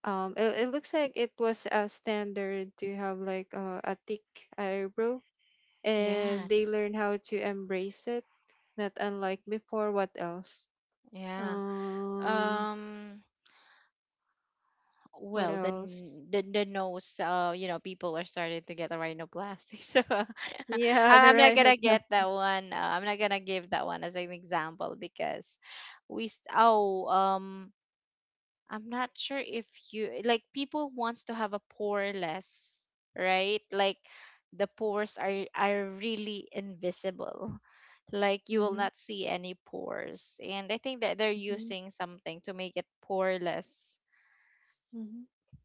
[SPEAKER 2] um it, it looks like it was a standard to have like uh, a thick eyebrow, and they
[SPEAKER 1] Yes.
[SPEAKER 2] learn how to embrace it, not unlike before. What else?
[SPEAKER 1] Yeah.
[SPEAKER 2] um
[SPEAKER 1] um
[SPEAKER 2] what
[SPEAKER 1] well, the
[SPEAKER 2] else?
[SPEAKER 1] n- the, the nose, uh you know, people are starting to get a rhinoplasty. So uh,
[SPEAKER 2] Yeah, the
[SPEAKER 1] I- I'm not gonna get
[SPEAKER 2] rhinoplasty.
[SPEAKER 1] that one, uh, I'm not gonna give that one as an example because we s- oh, um I'm not sure if you like people wants to have a poreless, right? Like, the pores are are really invisible. Like, you will
[SPEAKER 2] Mm-hmm.
[SPEAKER 1] not see any pores, and I think that they're
[SPEAKER 2] Mm-hmm.
[SPEAKER 1] using something to make it poreless
[SPEAKER 2] Mm-hmm,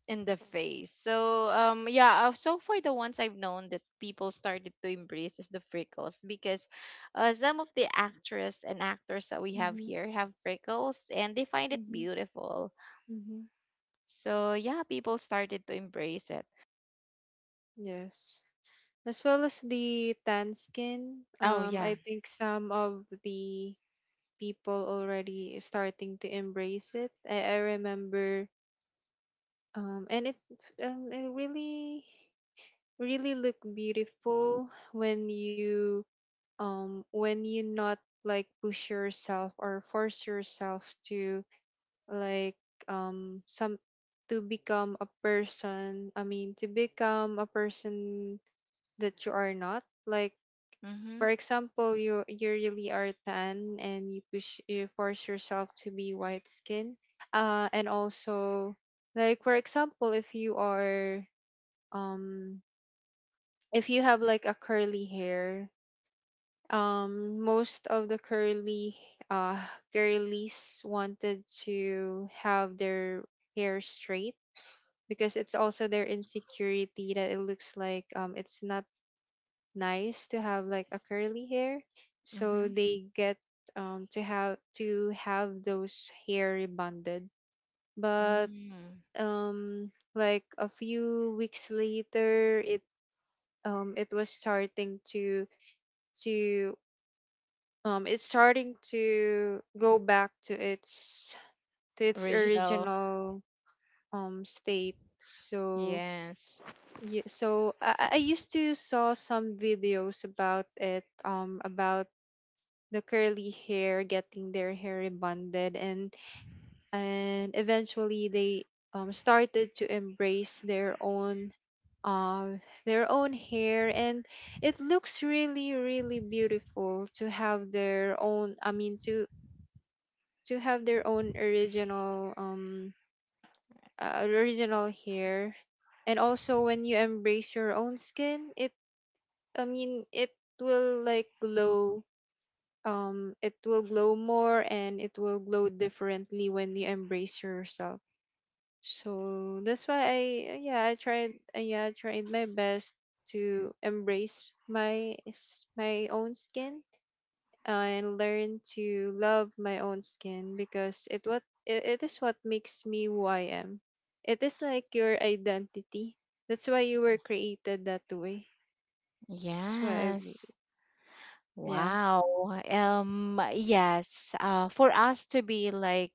[SPEAKER 1] in the face. So um yeah, uh, so far the ones I've known that people started to embrace is the freckles, because uh, some of the actress and actors that we have
[SPEAKER 2] mm-hmm,
[SPEAKER 1] here have freckles and they find it
[SPEAKER 2] mm-hmm,
[SPEAKER 1] beautiful.
[SPEAKER 2] mm-hmm.
[SPEAKER 1] So yeah, people started to embrace it.
[SPEAKER 2] Yes. As well as the tan skin,
[SPEAKER 1] Oh
[SPEAKER 2] um,
[SPEAKER 1] yeah.
[SPEAKER 2] I think some of the people already starting to embrace it. I, I remember, um, and it, um, it really, really look beautiful when you, um, when you not like push yourself or force yourself to like, um some to become a person, I mean, to become a person that you are not, like for
[SPEAKER 1] Mhm.
[SPEAKER 2] example, you you really are tan and you push you force yourself to be white skin. Uh and also, like for example, if you are um if you have like a curly hair, um most of the curly uh girlies wanted to have their hair straight, because it's also their insecurity that it looks like um it's not nice to have like a curly hair, so
[SPEAKER 1] Mhm.
[SPEAKER 2] they get um to have, to have those hair rebonded. But
[SPEAKER 1] Mm.
[SPEAKER 2] um like a few weeks later, it um it was starting to to um it's starting to go back to its, to its
[SPEAKER 1] Original.
[SPEAKER 2] original um state. So
[SPEAKER 1] Yes.
[SPEAKER 2] yeah, so I, I I used to saw some videos about it, um, about the curly hair getting their hair rebonded. and and eventually they um started to embrace their own um their own hair, and it looks really really beautiful to have their own, I mean, to to have their own original um uh, original hair. And also when you embrace your own skin, it, I mean, it will like glow. Um, it will glow more, and it will glow differently when you embrace yourself. So that's why I, yeah, I tried uh, yeah, I tried my best to embrace my s- my own skin, uh, and learn to love my own skin because it what, it, it is what makes me who I am. It is like your identity. That's why you were created that way. That's why I re-
[SPEAKER 1] Yes.
[SPEAKER 2] yeah.
[SPEAKER 1] Wow. Um, yes. Uh, for us to be like,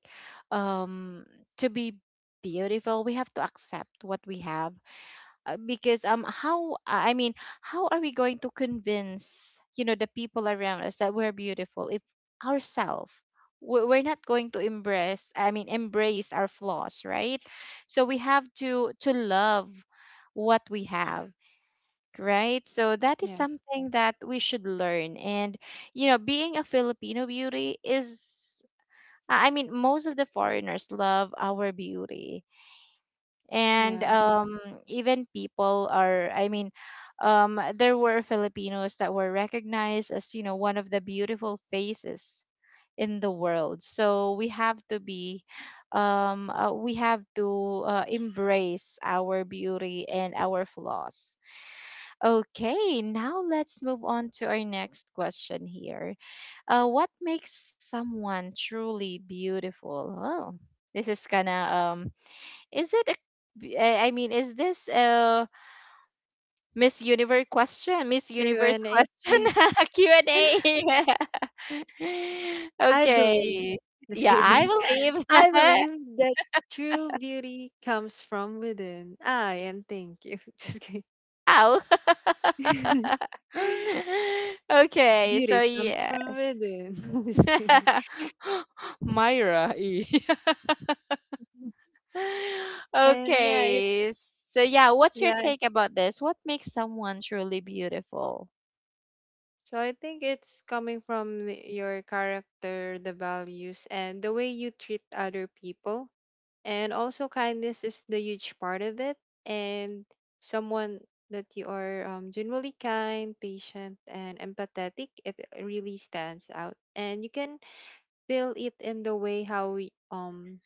[SPEAKER 1] um, to be beautiful, we have to accept what we have. Uh, because, um, how I mean, how are we going to convince, you know, the people around us that we're beautiful if ourselves we're we're not going to embrace, I mean, embrace our flaws, right? So we have to to love what we have, right? So that is
[SPEAKER 2] Yeah.
[SPEAKER 1] something that we should learn. And, you know, being a Filipino beauty is, I I mean, most of the foreigners love our beauty. And
[SPEAKER 2] Yeah,
[SPEAKER 1] um, even people are, I mean, um, there were Filipinos that were recognized as, you know, one of the beautiful faces in the world. So we have to be, um, uh, we have to uh, embrace our beauty and our flaws. Okay, now let's move on to our next question here. Uh, what makes someone truly beautiful? Oh, this is kind of, um, is it a b- I I mean, is this a Miss Universe question? Miss
[SPEAKER 2] true,
[SPEAKER 1] Universe
[SPEAKER 2] Renee.
[SPEAKER 1] question? Q and A.
[SPEAKER 2] I believe,
[SPEAKER 1] Okay.
[SPEAKER 2] just
[SPEAKER 1] Yeah, I
[SPEAKER 2] kidding.
[SPEAKER 1] believe.
[SPEAKER 2] I believe that true beauty comes from within. Ah, and thank you. Just kidding.
[SPEAKER 1] Wow. Okay, so
[SPEAKER 2] Beauty comes from
[SPEAKER 1] yes.
[SPEAKER 2] within. Just kidding.
[SPEAKER 1] Myra E.
[SPEAKER 2] And yeah, it,
[SPEAKER 1] Okay. So yeah, what's your
[SPEAKER 2] yeah,
[SPEAKER 1] take about this? What makes someone truly beautiful?
[SPEAKER 2] so I think it's coming from the- your character, the values, and the way you treat other people. And also, kindness is the huge part of it. And someone that you are um, generally kind, patient, and empathetic, it really stands out. And you can feel it in the way how we, um,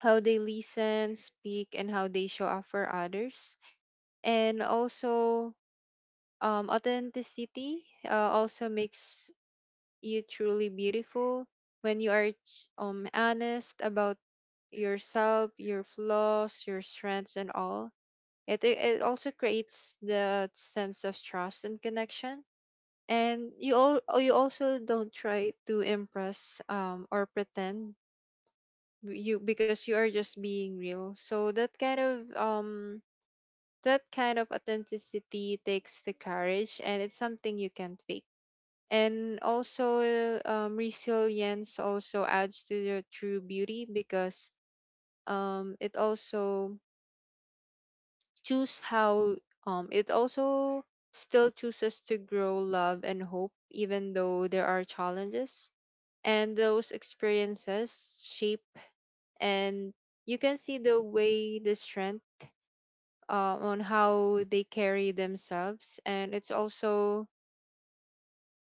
[SPEAKER 2] how they listen, speak, and how they show up for others. And also, um, authenticity uh, also makes you truly beautiful when you are ch- um honest about yourself, your flaws, your strengths, and all. It it it also creates the sense of trust and connection. And you all you also don't try to impress um or pretend, w- you, because you are just being real. So that kind of um that kind of authenticity takes the courage, and it's something you can't fake. And also, um, resilience also adds to your true beauty because um, it also choose how um, it also still chooses to grow love and hope even though there are challenges, and those experiences shape. And you can see the way the strength, uh, on how they carry themselves. And it's also,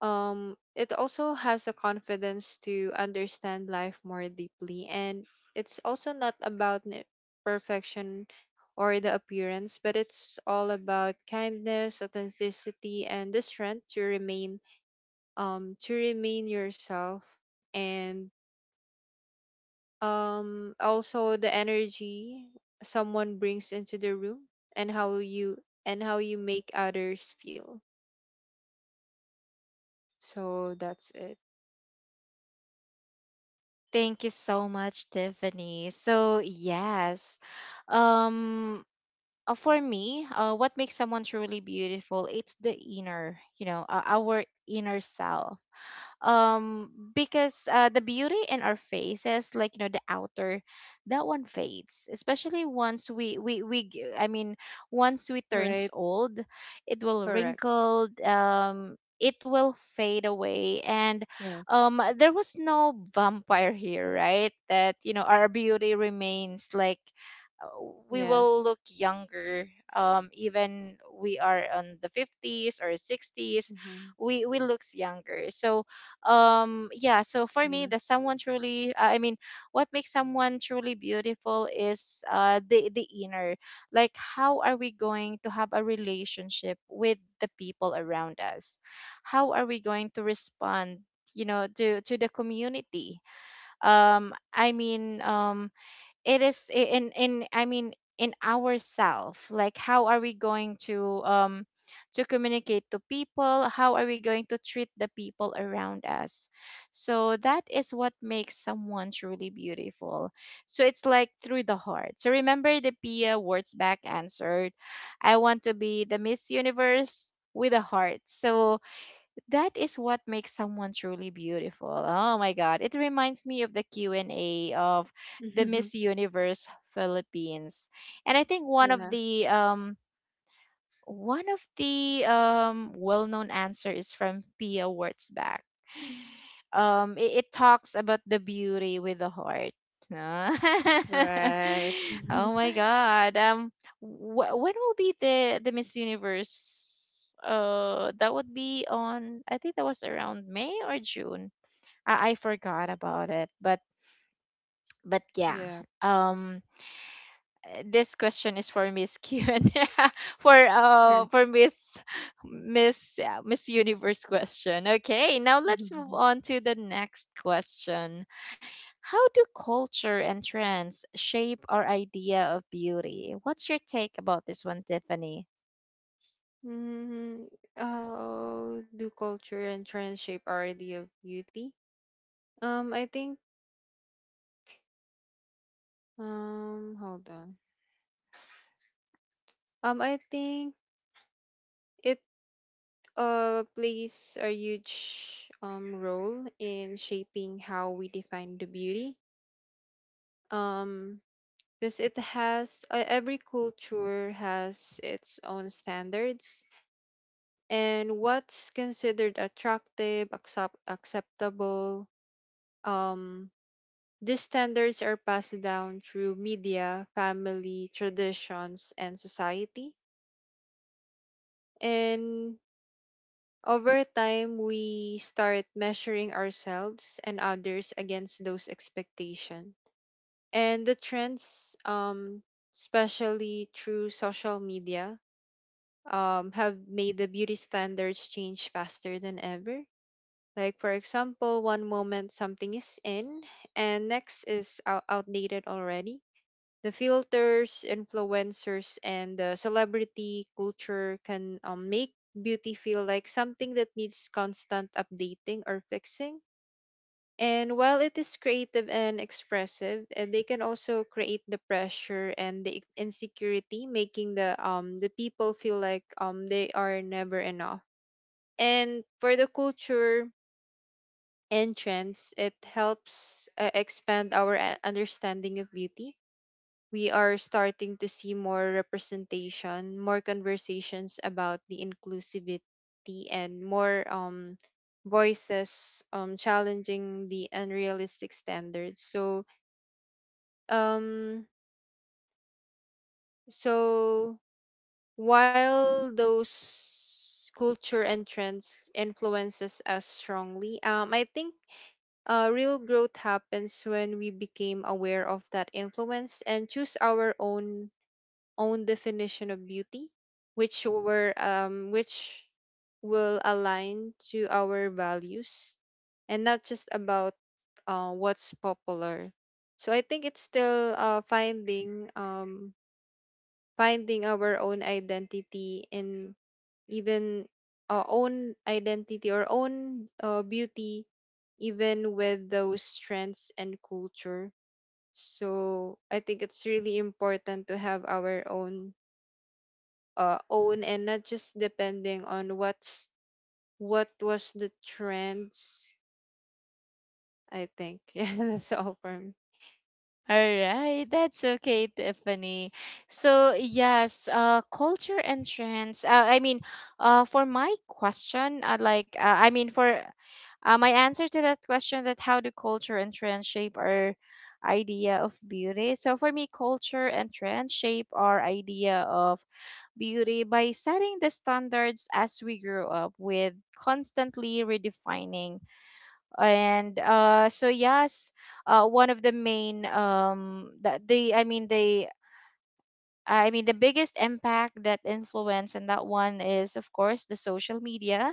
[SPEAKER 2] um it also has the confidence to understand life more deeply. And it's also not about n- perfection or the appearance, but it's all about kindness, authenticity, and the strength to remain, um to remain yourself. And um also the energy someone brings into the room, and how you and how you make others feel. So that's it.
[SPEAKER 1] Thank you so much, Tiffany. So yes. Um uh, for me, uh, what makes someone truly beautiful? It's the inner, you know, uh, our inner self. um because uh, the beauty in our faces, like, you know, the outer, that one fades, especially once we we we g- I mean once we turns
[SPEAKER 2] Right.
[SPEAKER 1] old. It will
[SPEAKER 2] Correct.
[SPEAKER 1] wrinkle, um it will fade away, and
[SPEAKER 2] Yes.
[SPEAKER 1] um there was no vampire here, right, that, you know, our beauty remains, like, uh, we will
[SPEAKER 2] Yes.
[SPEAKER 1] look younger, um even we are on the fifties or sixties.
[SPEAKER 2] Hmm.
[SPEAKER 1] We we looks younger. So, um yeah, so for me,
[SPEAKER 2] Yeah.
[SPEAKER 1] the someone truly uh, I mean what makes someone truly beautiful is uh the the inner, like how are we going to have a relationship with the people around us, how are we going to respond, you know, to to the community. Um I mean um it is I- in in I mean In ourself, like how are we going to, um to communicate to people, how are we going to treat the people around us? So that is what makes someone truly beautiful. So it's like through the heart. So, remember the Pia Wurzbach answered, I want to be the Miss Universe with a heart. So that is what makes someone truly beautiful. Oh my God. It reminds me of the Q and A of the Miss Universe Philippines. And I think one of
[SPEAKER 2] Yeah.
[SPEAKER 1] the um one of the, um, well-known answer is from Pia Wurtzbach. Um, it, it talks about the beauty with the heart. Ah.
[SPEAKER 2] Right.
[SPEAKER 1] Oh my God. Um, wh- when will be the the Miss Universe? Uh, that would be on, I think that was around May or June. I, I forgot about it, but but yeah.
[SPEAKER 2] Yeah.
[SPEAKER 1] Um, uh, this question is for Miss Q and for
[SPEAKER 2] Sure.
[SPEAKER 1] uh for Miss Miss uh, Miss Universe question. Okay, now let's move on to the next question. How do culture and trends shape our idea of beauty? What's your take about this one, Tiffany?
[SPEAKER 2] Mm, oh, do culture and trends shape our idea of beauty? Um, I think. Um, hold on. Um, I think it uh plays a huge um role in shaping how we define the beauty. Um, because it has uh, every culture has its own standards and what's considered attractive, accept- acceptable. Um, these standards are passed down through media, family, traditions, and society. And over time, we start measuring ourselves and others against those expectations. And the trends, um, especially through social media, um, have made the beauty standards change faster than ever. Like, for example, one moment something is in, and next is out- outdated already. The filters, influencers, and the celebrity culture can, um, make beauty feel like something that needs constant updating or fixing. And while it is creative and expressive, uh, they can also create the pressure and the insecurity, making the um the people feel like um they are never enough. And for the culture and trends, it helps, uh, expand our a- understanding of beauty. We are starting to see more representation, more conversations about the inclusivity, and more, um, voices, um, challenging the unrealistic standards. So, um, so while those culture and trends influences us strongly, um, I think Uh, real growth happens when we became aware of that influence and choose our own own definition of beauty, which were um which will align to our values, and not just about uh, what's popular. So I think it's still, uh, finding um finding our own identity in, even, uh, own identity or own uh, beauty, even with those strengths and culture. So I think it's really important to have our own, uh, own, and not just depending on what's what was the trends, I think. Yeah, that's all from.
[SPEAKER 1] All right, that's okay, Tiffany. So yes, uh, culture and trends. Uh, I mean, uh, for my question, uh, like, uh, I mean, for uh, My answer to that question, that how do culture and trends shape our idea of beauty? So for me, culture and trends shape our idea of beauty by setting the standards as we grow up with, constantly redefining. And uh so yes, uh one of the main um that the I mean the I mean the biggest impact that influence and that one is, of course, the social media.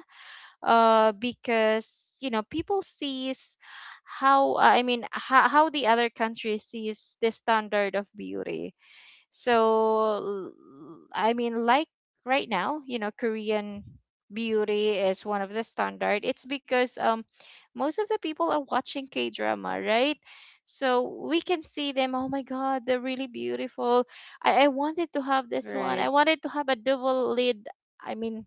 [SPEAKER 1] uh Because, you know, people sees how I mean how, how the other country sees the standard of beauty. so, l- I mean, like right now, you know, Korean beauty is one of the standard. It's because, um, most of the people are watching K drama, right? So we can see them. Oh my God, they're really beautiful. I, I wanted to have this one. I
[SPEAKER 2] Right.
[SPEAKER 1] wanted to have a double lid. I mean,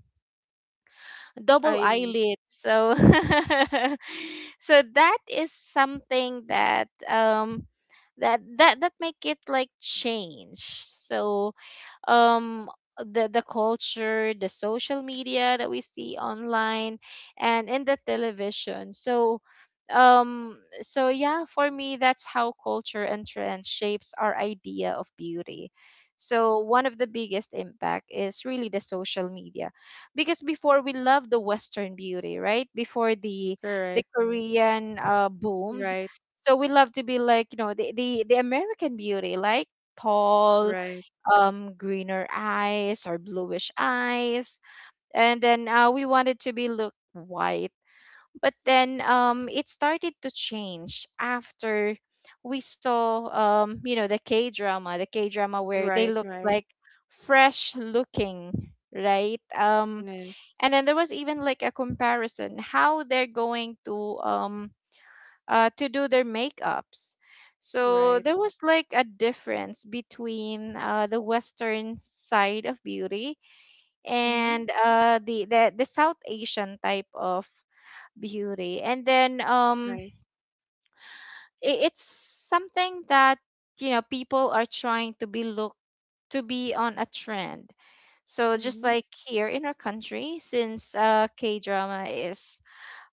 [SPEAKER 1] double
[SPEAKER 2] I.
[SPEAKER 1] eyelid. So, so that is something that, um, that that that make it like change. So, um the the culture, the social media that we see online and in the television. So, um so yeah, for me, that's how culture and trend shapes our idea of beauty. So one of the biggest impact is really the social media, because before we love the western beauty, right, before the the
[SPEAKER 2] Correct.
[SPEAKER 1] Korean uh boomed.
[SPEAKER 2] Right.
[SPEAKER 1] So we love to be, like, you know, the the, the American beauty, like tall,
[SPEAKER 2] Right.
[SPEAKER 1] um greener eyes or bluish eyes, and then, uh, we wanted to be look white. But then, um it started to change after we saw, um you know, the K drama the K drama where they
[SPEAKER 2] Right.
[SPEAKER 1] looked
[SPEAKER 2] Right.
[SPEAKER 1] like fresh looking, right? Um
[SPEAKER 2] Right. Yes.
[SPEAKER 1] and then there was even like a comparison how they're going to, um uh, to do their makeups. So
[SPEAKER 2] Right.
[SPEAKER 1] there was like a difference between, uh, the Western side of beauty
[SPEAKER 2] Mm-hmm.
[SPEAKER 1] and, uh, the, the the South Asian type of beauty. And then, um,
[SPEAKER 2] Right.
[SPEAKER 1] i- it's something that, you know, people are trying to be look, to be on a trend. So just
[SPEAKER 2] Mm-hmm.
[SPEAKER 1] like here in our country, since uh, K drama is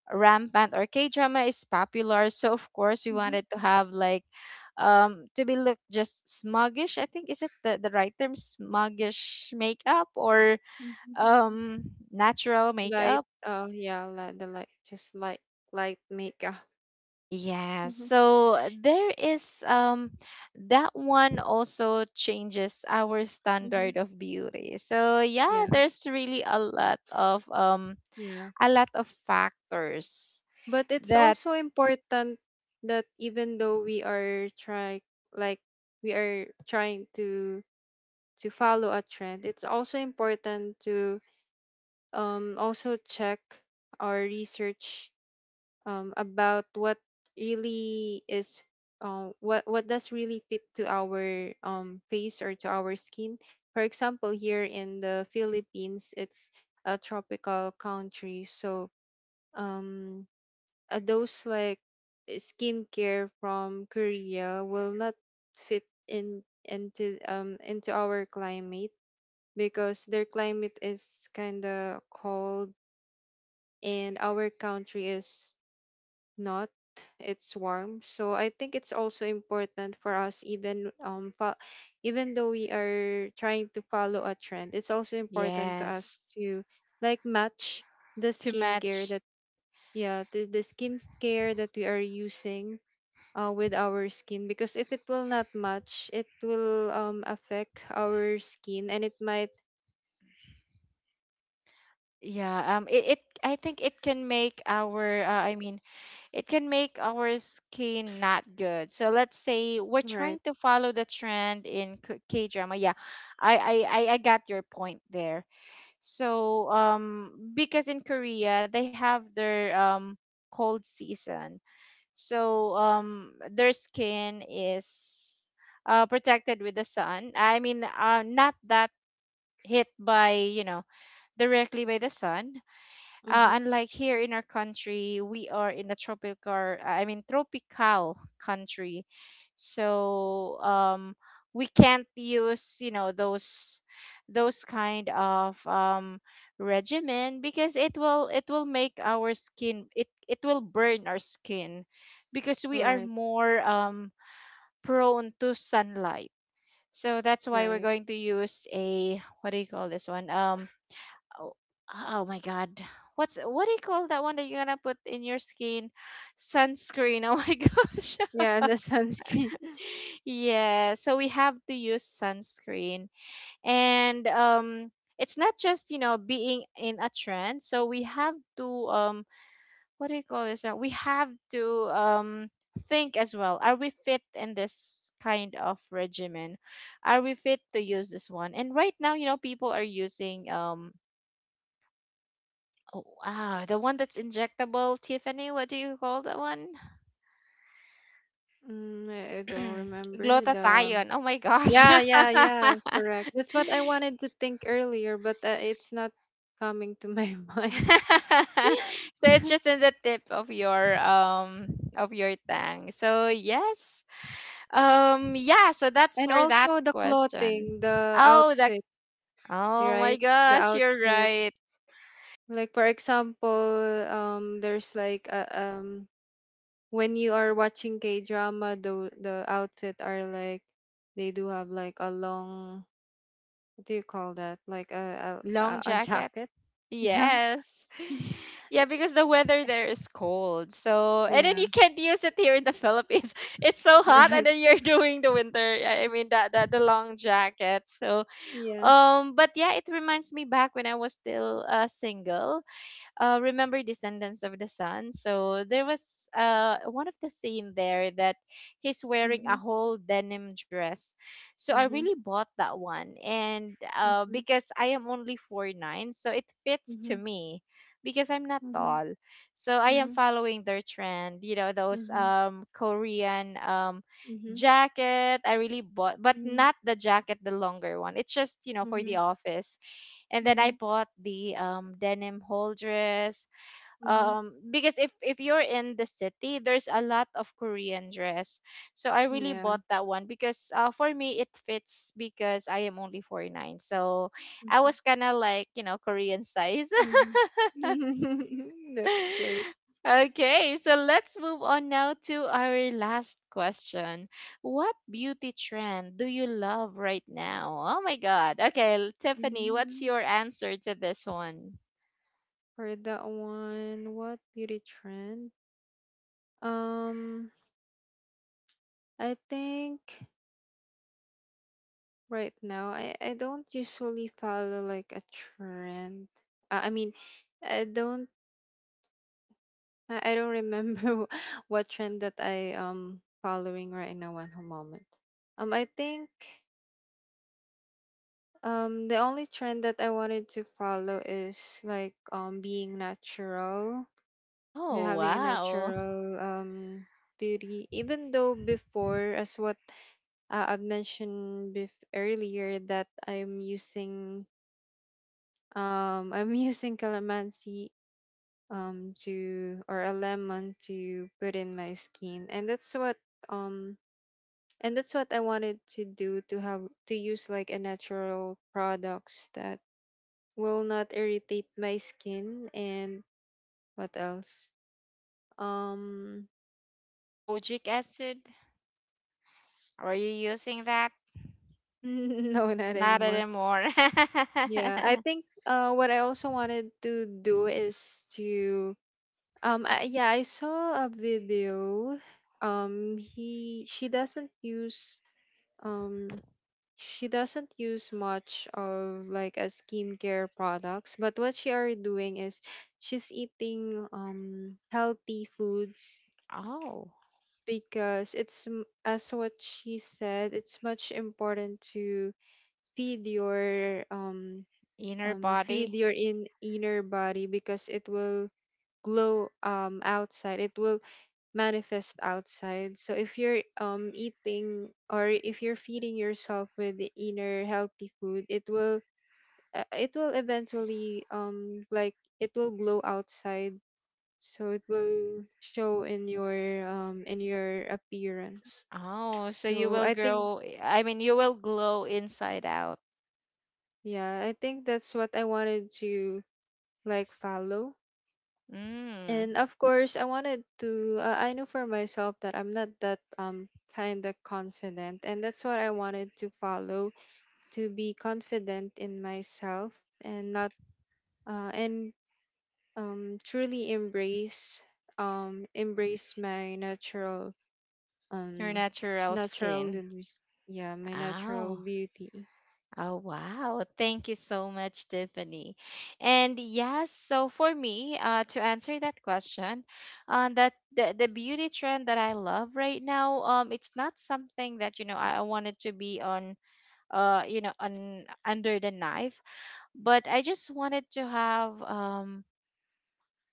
[SPEAKER 1] rampant, or K drama is popular. So of course we
[SPEAKER 2] Mm-hmm.
[SPEAKER 1] wanted to have, like, um to be look just smuggish. I think, is it the, the right term, smuggish makeup or
[SPEAKER 2] Mm-hmm.
[SPEAKER 1] um natural
[SPEAKER 2] Light,
[SPEAKER 1] makeup.
[SPEAKER 2] uh, yeah, li the light, just light, light makeup.
[SPEAKER 1] Yeah.
[SPEAKER 2] Mm-hmm,
[SPEAKER 1] So there is, um that one also changes our
[SPEAKER 2] mm-hmm.
[SPEAKER 1] standard of beauty. So yeah,
[SPEAKER 2] Yeah,
[SPEAKER 1] there's really a lot of, um
[SPEAKER 2] yeah.
[SPEAKER 1] a lot of factors
[SPEAKER 2] But it's
[SPEAKER 1] that,
[SPEAKER 2] also important that even though we are try, like we are trying to to follow a trend, it's also important to, um also check or research, um, about what really is, uh, what what does really fit to our, um, face or to our skin. For example, here in the Philippines, it's a tropical country, so, um, uh, those like skincare from Korea will not fit in into um into our climate because their climate is kind of cold, and our country is not, it's warm. So I think it's also important for us, even um fo- even though we are trying to follow a trend, it's also important to us
[SPEAKER 1] yes,
[SPEAKER 2] to, like match the
[SPEAKER 1] to
[SPEAKER 2] skincare
[SPEAKER 1] match.
[SPEAKER 2] that yeah the, the skincare that we are using uh, with our skin because if it will not match it will um affect our skin and it might
[SPEAKER 1] Yeah, um it, it I think it can make our, uh, I mean it can make our skin not good. So let's say we're trying
[SPEAKER 2] right,
[SPEAKER 1] to follow the trend in K drama. Yeah. I, I I I got your point there. So, um because in Korea they have their um cold season. So, um their skin is uh protected with the sun. I mean, uh not that hit by, you know, directly by the sun, uh,
[SPEAKER 2] mm-hmm,
[SPEAKER 1] unlike here in our country, we are in a tropical, I mean, tropical country. So, um, we can't use, you know, those those kind of, um, regimen, because it will it will make our skin, it it will burn our skin, because we are
[SPEAKER 2] right,
[SPEAKER 1] more, um, prone to sunlight. So that's why we're
[SPEAKER 2] right,
[SPEAKER 1] going to use a, what do you call this one? Um, oh, oh my god, what's what do you call that one that you're gonna put in your skin? Sunscreen. Oh my gosh.
[SPEAKER 2] yeah, the sunscreen,
[SPEAKER 1] Yeah, so we have to use sunscreen. And um it's not just, you know, being in a trend, so we have to, um what do you call this uh, we have to, um think as well, are we fit in this kind of regimen, are we fit to use this one? And right now, you know, people are using, um oh, wow, the one that's injectable, Tiffany. What do you call that one?
[SPEAKER 2] mm, I I don't remember the
[SPEAKER 1] Glutathione. Oh my gosh.
[SPEAKER 2] yeah, yeah,
[SPEAKER 1] So
[SPEAKER 2] yeah, correct. That's what I wanted to think earlier, but uh, it's not coming to my mind.
[SPEAKER 1] it's just in the tip of your, um of your tongue. So yes. Um yeah, so that's
[SPEAKER 2] And
[SPEAKER 1] for that
[SPEAKER 2] also the
[SPEAKER 1] question.
[SPEAKER 2] clothing, the
[SPEAKER 1] Oh, that
[SPEAKER 2] outfit,
[SPEAKER 1] oh my
[SPEAKER 2] right? The
[SPEAKER 1] gosh, you're
[SPEAKER 2] outfit.
[SPEAKER 1] right.
[SPEAKER 2] Like for example, um there's like a, um when you are watching K-drama, the the outfit are like they do have like a long, what do you call that? Like a a, a
[SPEAKER 1] Long
[SPEAKER 2] a
[SPEAKER 1] jacket.
[SPEAKER 2] jacket. Yeah.
[SPEAKER 1] Yes. Yeah,
[SPEAKER 2] Eh,
[SPEAKER 1] because the weather there is cold. So, and then, you
[SPEAKER 2] yeah,
[SPEAKER 1] can't use it here in the Philippines. It's so hot, and
[SPEAKER 2] right.
[SPEAKER 1] then you're doing the winter. I I mean, that that The long jacket. So,
[SPEAKER 2] Yeah.
[SPEAKER 1] um, but yeah, it reminds me back when I was still, uh, single. Uh, remember Descendants of the Sun? So there was, uh, one of the scene there that he's wearing
[SPEAKER 2] Mm-hmm.
[SPEAKER 1] a whole denim dress. So I
[SPEAKER 2] Mm-hmm.
[SPEAKER 1] really bought that one, and, uh,
[SPEAKER 2] Mm-hmm.
[SPEAKER 1] because I am only four nine, so it fits
[SPEAKER 2] Mm-hmm.
[SPEAKER 1] to me because I'm not
[SPEAKER 2] Mhm,
[SPEAKER 1] tall. So I am
[SPEAKER 2] mhm,
[SPEAKER 1] following their trend, you know, those
[SPEAKER 2] mhm,
[SPEAKER 1] um Korean um
[SPEAKER 2] mhm,
[SPEAKER 1] jacket. I really bought, but
[SPEAKER 2] mhm,
[SPEAKER 1] not the jacket, the longer one. It's just, you know, for the
[SPEAKER 2] mhm,
[SPEAKER 1] office. And then I
[SPEAKER 2] mhm,
[SPEAKER 1] bought the, um, denim whole dress,
[SPEAKER 2] mhm.
[SPEAKER 1] um, because if if you're in the city, there's a lot of Korean dress. So I really
[SPEAKER 2] Yeah.
[SPEAKER 1] bought that one because, uh, for me it fits because I am only forty-nine. So I was kind of, like, you know, Korean size.
[SPEAKER 2] Mhm, mhm. That's great.
[SPEAKER 1] Okay, so let's move on now to our last question. What beauty trend do you love right now? Oh my God. Okay, Tiffany, what's
[SPEAKER 2] Mhm.
[SPEAKER 1] your answer to this one?
[SPEAKER 2] For that one, what beauty trend? Um, I think right now, I I don't usually follow like a trend. Uh, I mean, I don't I I don't remember what trend that I um following right now at the moment. Um, I think Um, the only trend that I wanted to follow is like, um being natural, yeah,
[SPEAKER 1] Oh,
[SPEAKER 2] having a
[SPEAKER 1] wow.
[SPEAKER 2] natural, um beauty. Even though before, as what uh, I've mentioned bef earlier, that I'm using, um I'm using calamansi, um to or a lemon to put in my skin, and that's what um and that's what I wanted to do, to have to use like a natural products that will not irritate my skin. And what else? Um.
[SPEAKER 1] Kojic acid? Are you using that?
[SPEAKER 2] No, not
[SPEAKER 1] Not
[SPEAKER 2] anymore.
[SPEAKER 1] anymore.
[SPEAKER 2] Yeah, I think, uh what I also wanted to do is to, um I, yeah, I saw a video, um he she doesn't use um she doesn't use much of like a skincare products. But what she are doing is she's eating, um healthy foods,
[SPEAKER 1] Oh,
[SPEAKER 2] because it's, m- as what she said, it's much important to feed your, um
[SPEAKER 1] inner
[SPEAKER 2] um feed
[SPEAKER 1] body.
[SPEAKER 2] your in inner body, because it will glow, um outside, it will manifest outside. So if you're, um eating, or if you're feeding yourself with the inner healthy food, it will, uh, it will eventually, um like it will glow outside, so it will show in your, um in your appearance.
[SPEAKER 1] Oh, so you
[SPEAKER 2] So
[SPEAKER 1] will
[SPEAKER 2] I think,
[SPEAKER 1] grow, I mean, you will glow inside out.
[SPEAKER 2] yeah, I think that's what I wanted to, like, follow.
[SPEAKER 1] Mm,
[SPEAKER 2] And of course, I wanted to, uh, I knew for myself that I'm not that, um kind of confident. And that's what I wanted to follow, to be confident in myself, and not, uh, and um, truly embrace, um, embrace my natural,
[SPEAKER 1] your
[SPEAKER 2] um,
[SPEAKER 1] natural
[SPEAKER 2] natural,
[SPEAKER 1] skin.
[SPEAKER 2] yeah, my natural
[SPEAKER 1] Oh.
[SPEAKER 2] beauty.
[SPEAKER 1] Oh, wow. Thank you so much, Tiffany. And yes, so for me, uh, to answer that question, uh, that the, the beauty trend that I love right now, um, it's not something that, you know, I, I wanted to be on, uh, you know, on under the knife, but I just wanted to have, um,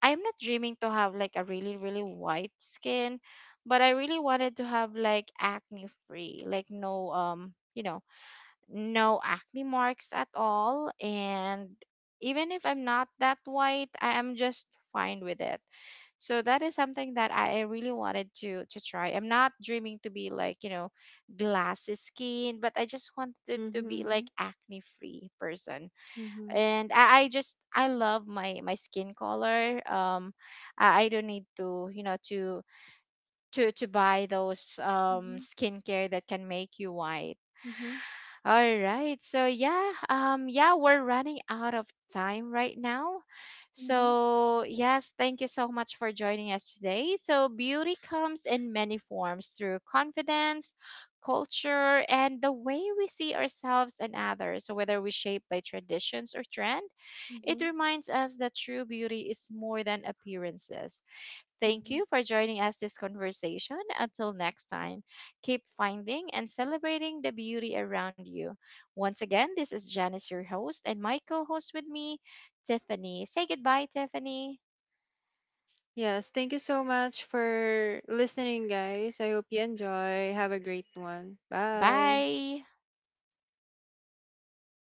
[SPEAKER 1] I'm not dreaming to have like a really, really white skin, but I really wanted to have like acne free, like no, um, you know, no acne marks at all. And even if I'm not that white, I am just fine with it. So that is something that I really wanted to to try. I'm not dreaming to be like, you know, glassy skin, but I just wanted to be
[SPEAKER 2] Mm-hmm,
[SPEAKER 1] like acne free person.
[SPEAKER 2] mm-hmm, mm-hmm,
[SPEAKER 1] And I, I just i love my my skin color. um I, I don't need to, you know, to to to buy those um skincare that can make you white.
[SPEAKER 2] mm-hmm.
[SPEAKER 1] All right. So yeah, um yeah, we're running out of time right now.
[SPEAKER 2] Mhm.
[SPEAKER 1] So yes, thank you so much for joining us today. So, beauty comes in many forms, through confidence, culture, and the way we see ourselves and others. So, whether we shape by traditions or trend, it
[SPEAKER 2] Mhm.
[SPEAKER 1] reminds us that true beauty is more than appearances. Thank you
[SPEAKER 2] Mhm.
[SPEAKER 1] for joining us this conversation. Until next time, keep finding and celebrating the beauty around you. Once again, this is Janice, your host, and my co host with me, Tiffany. Say goodbye, Tiffany.
[SPEAKER 2] Yes, thank you so much for listening, guys. I hope you enjoy. Have a great one. Bye.
[SPEAKER 1] Bye.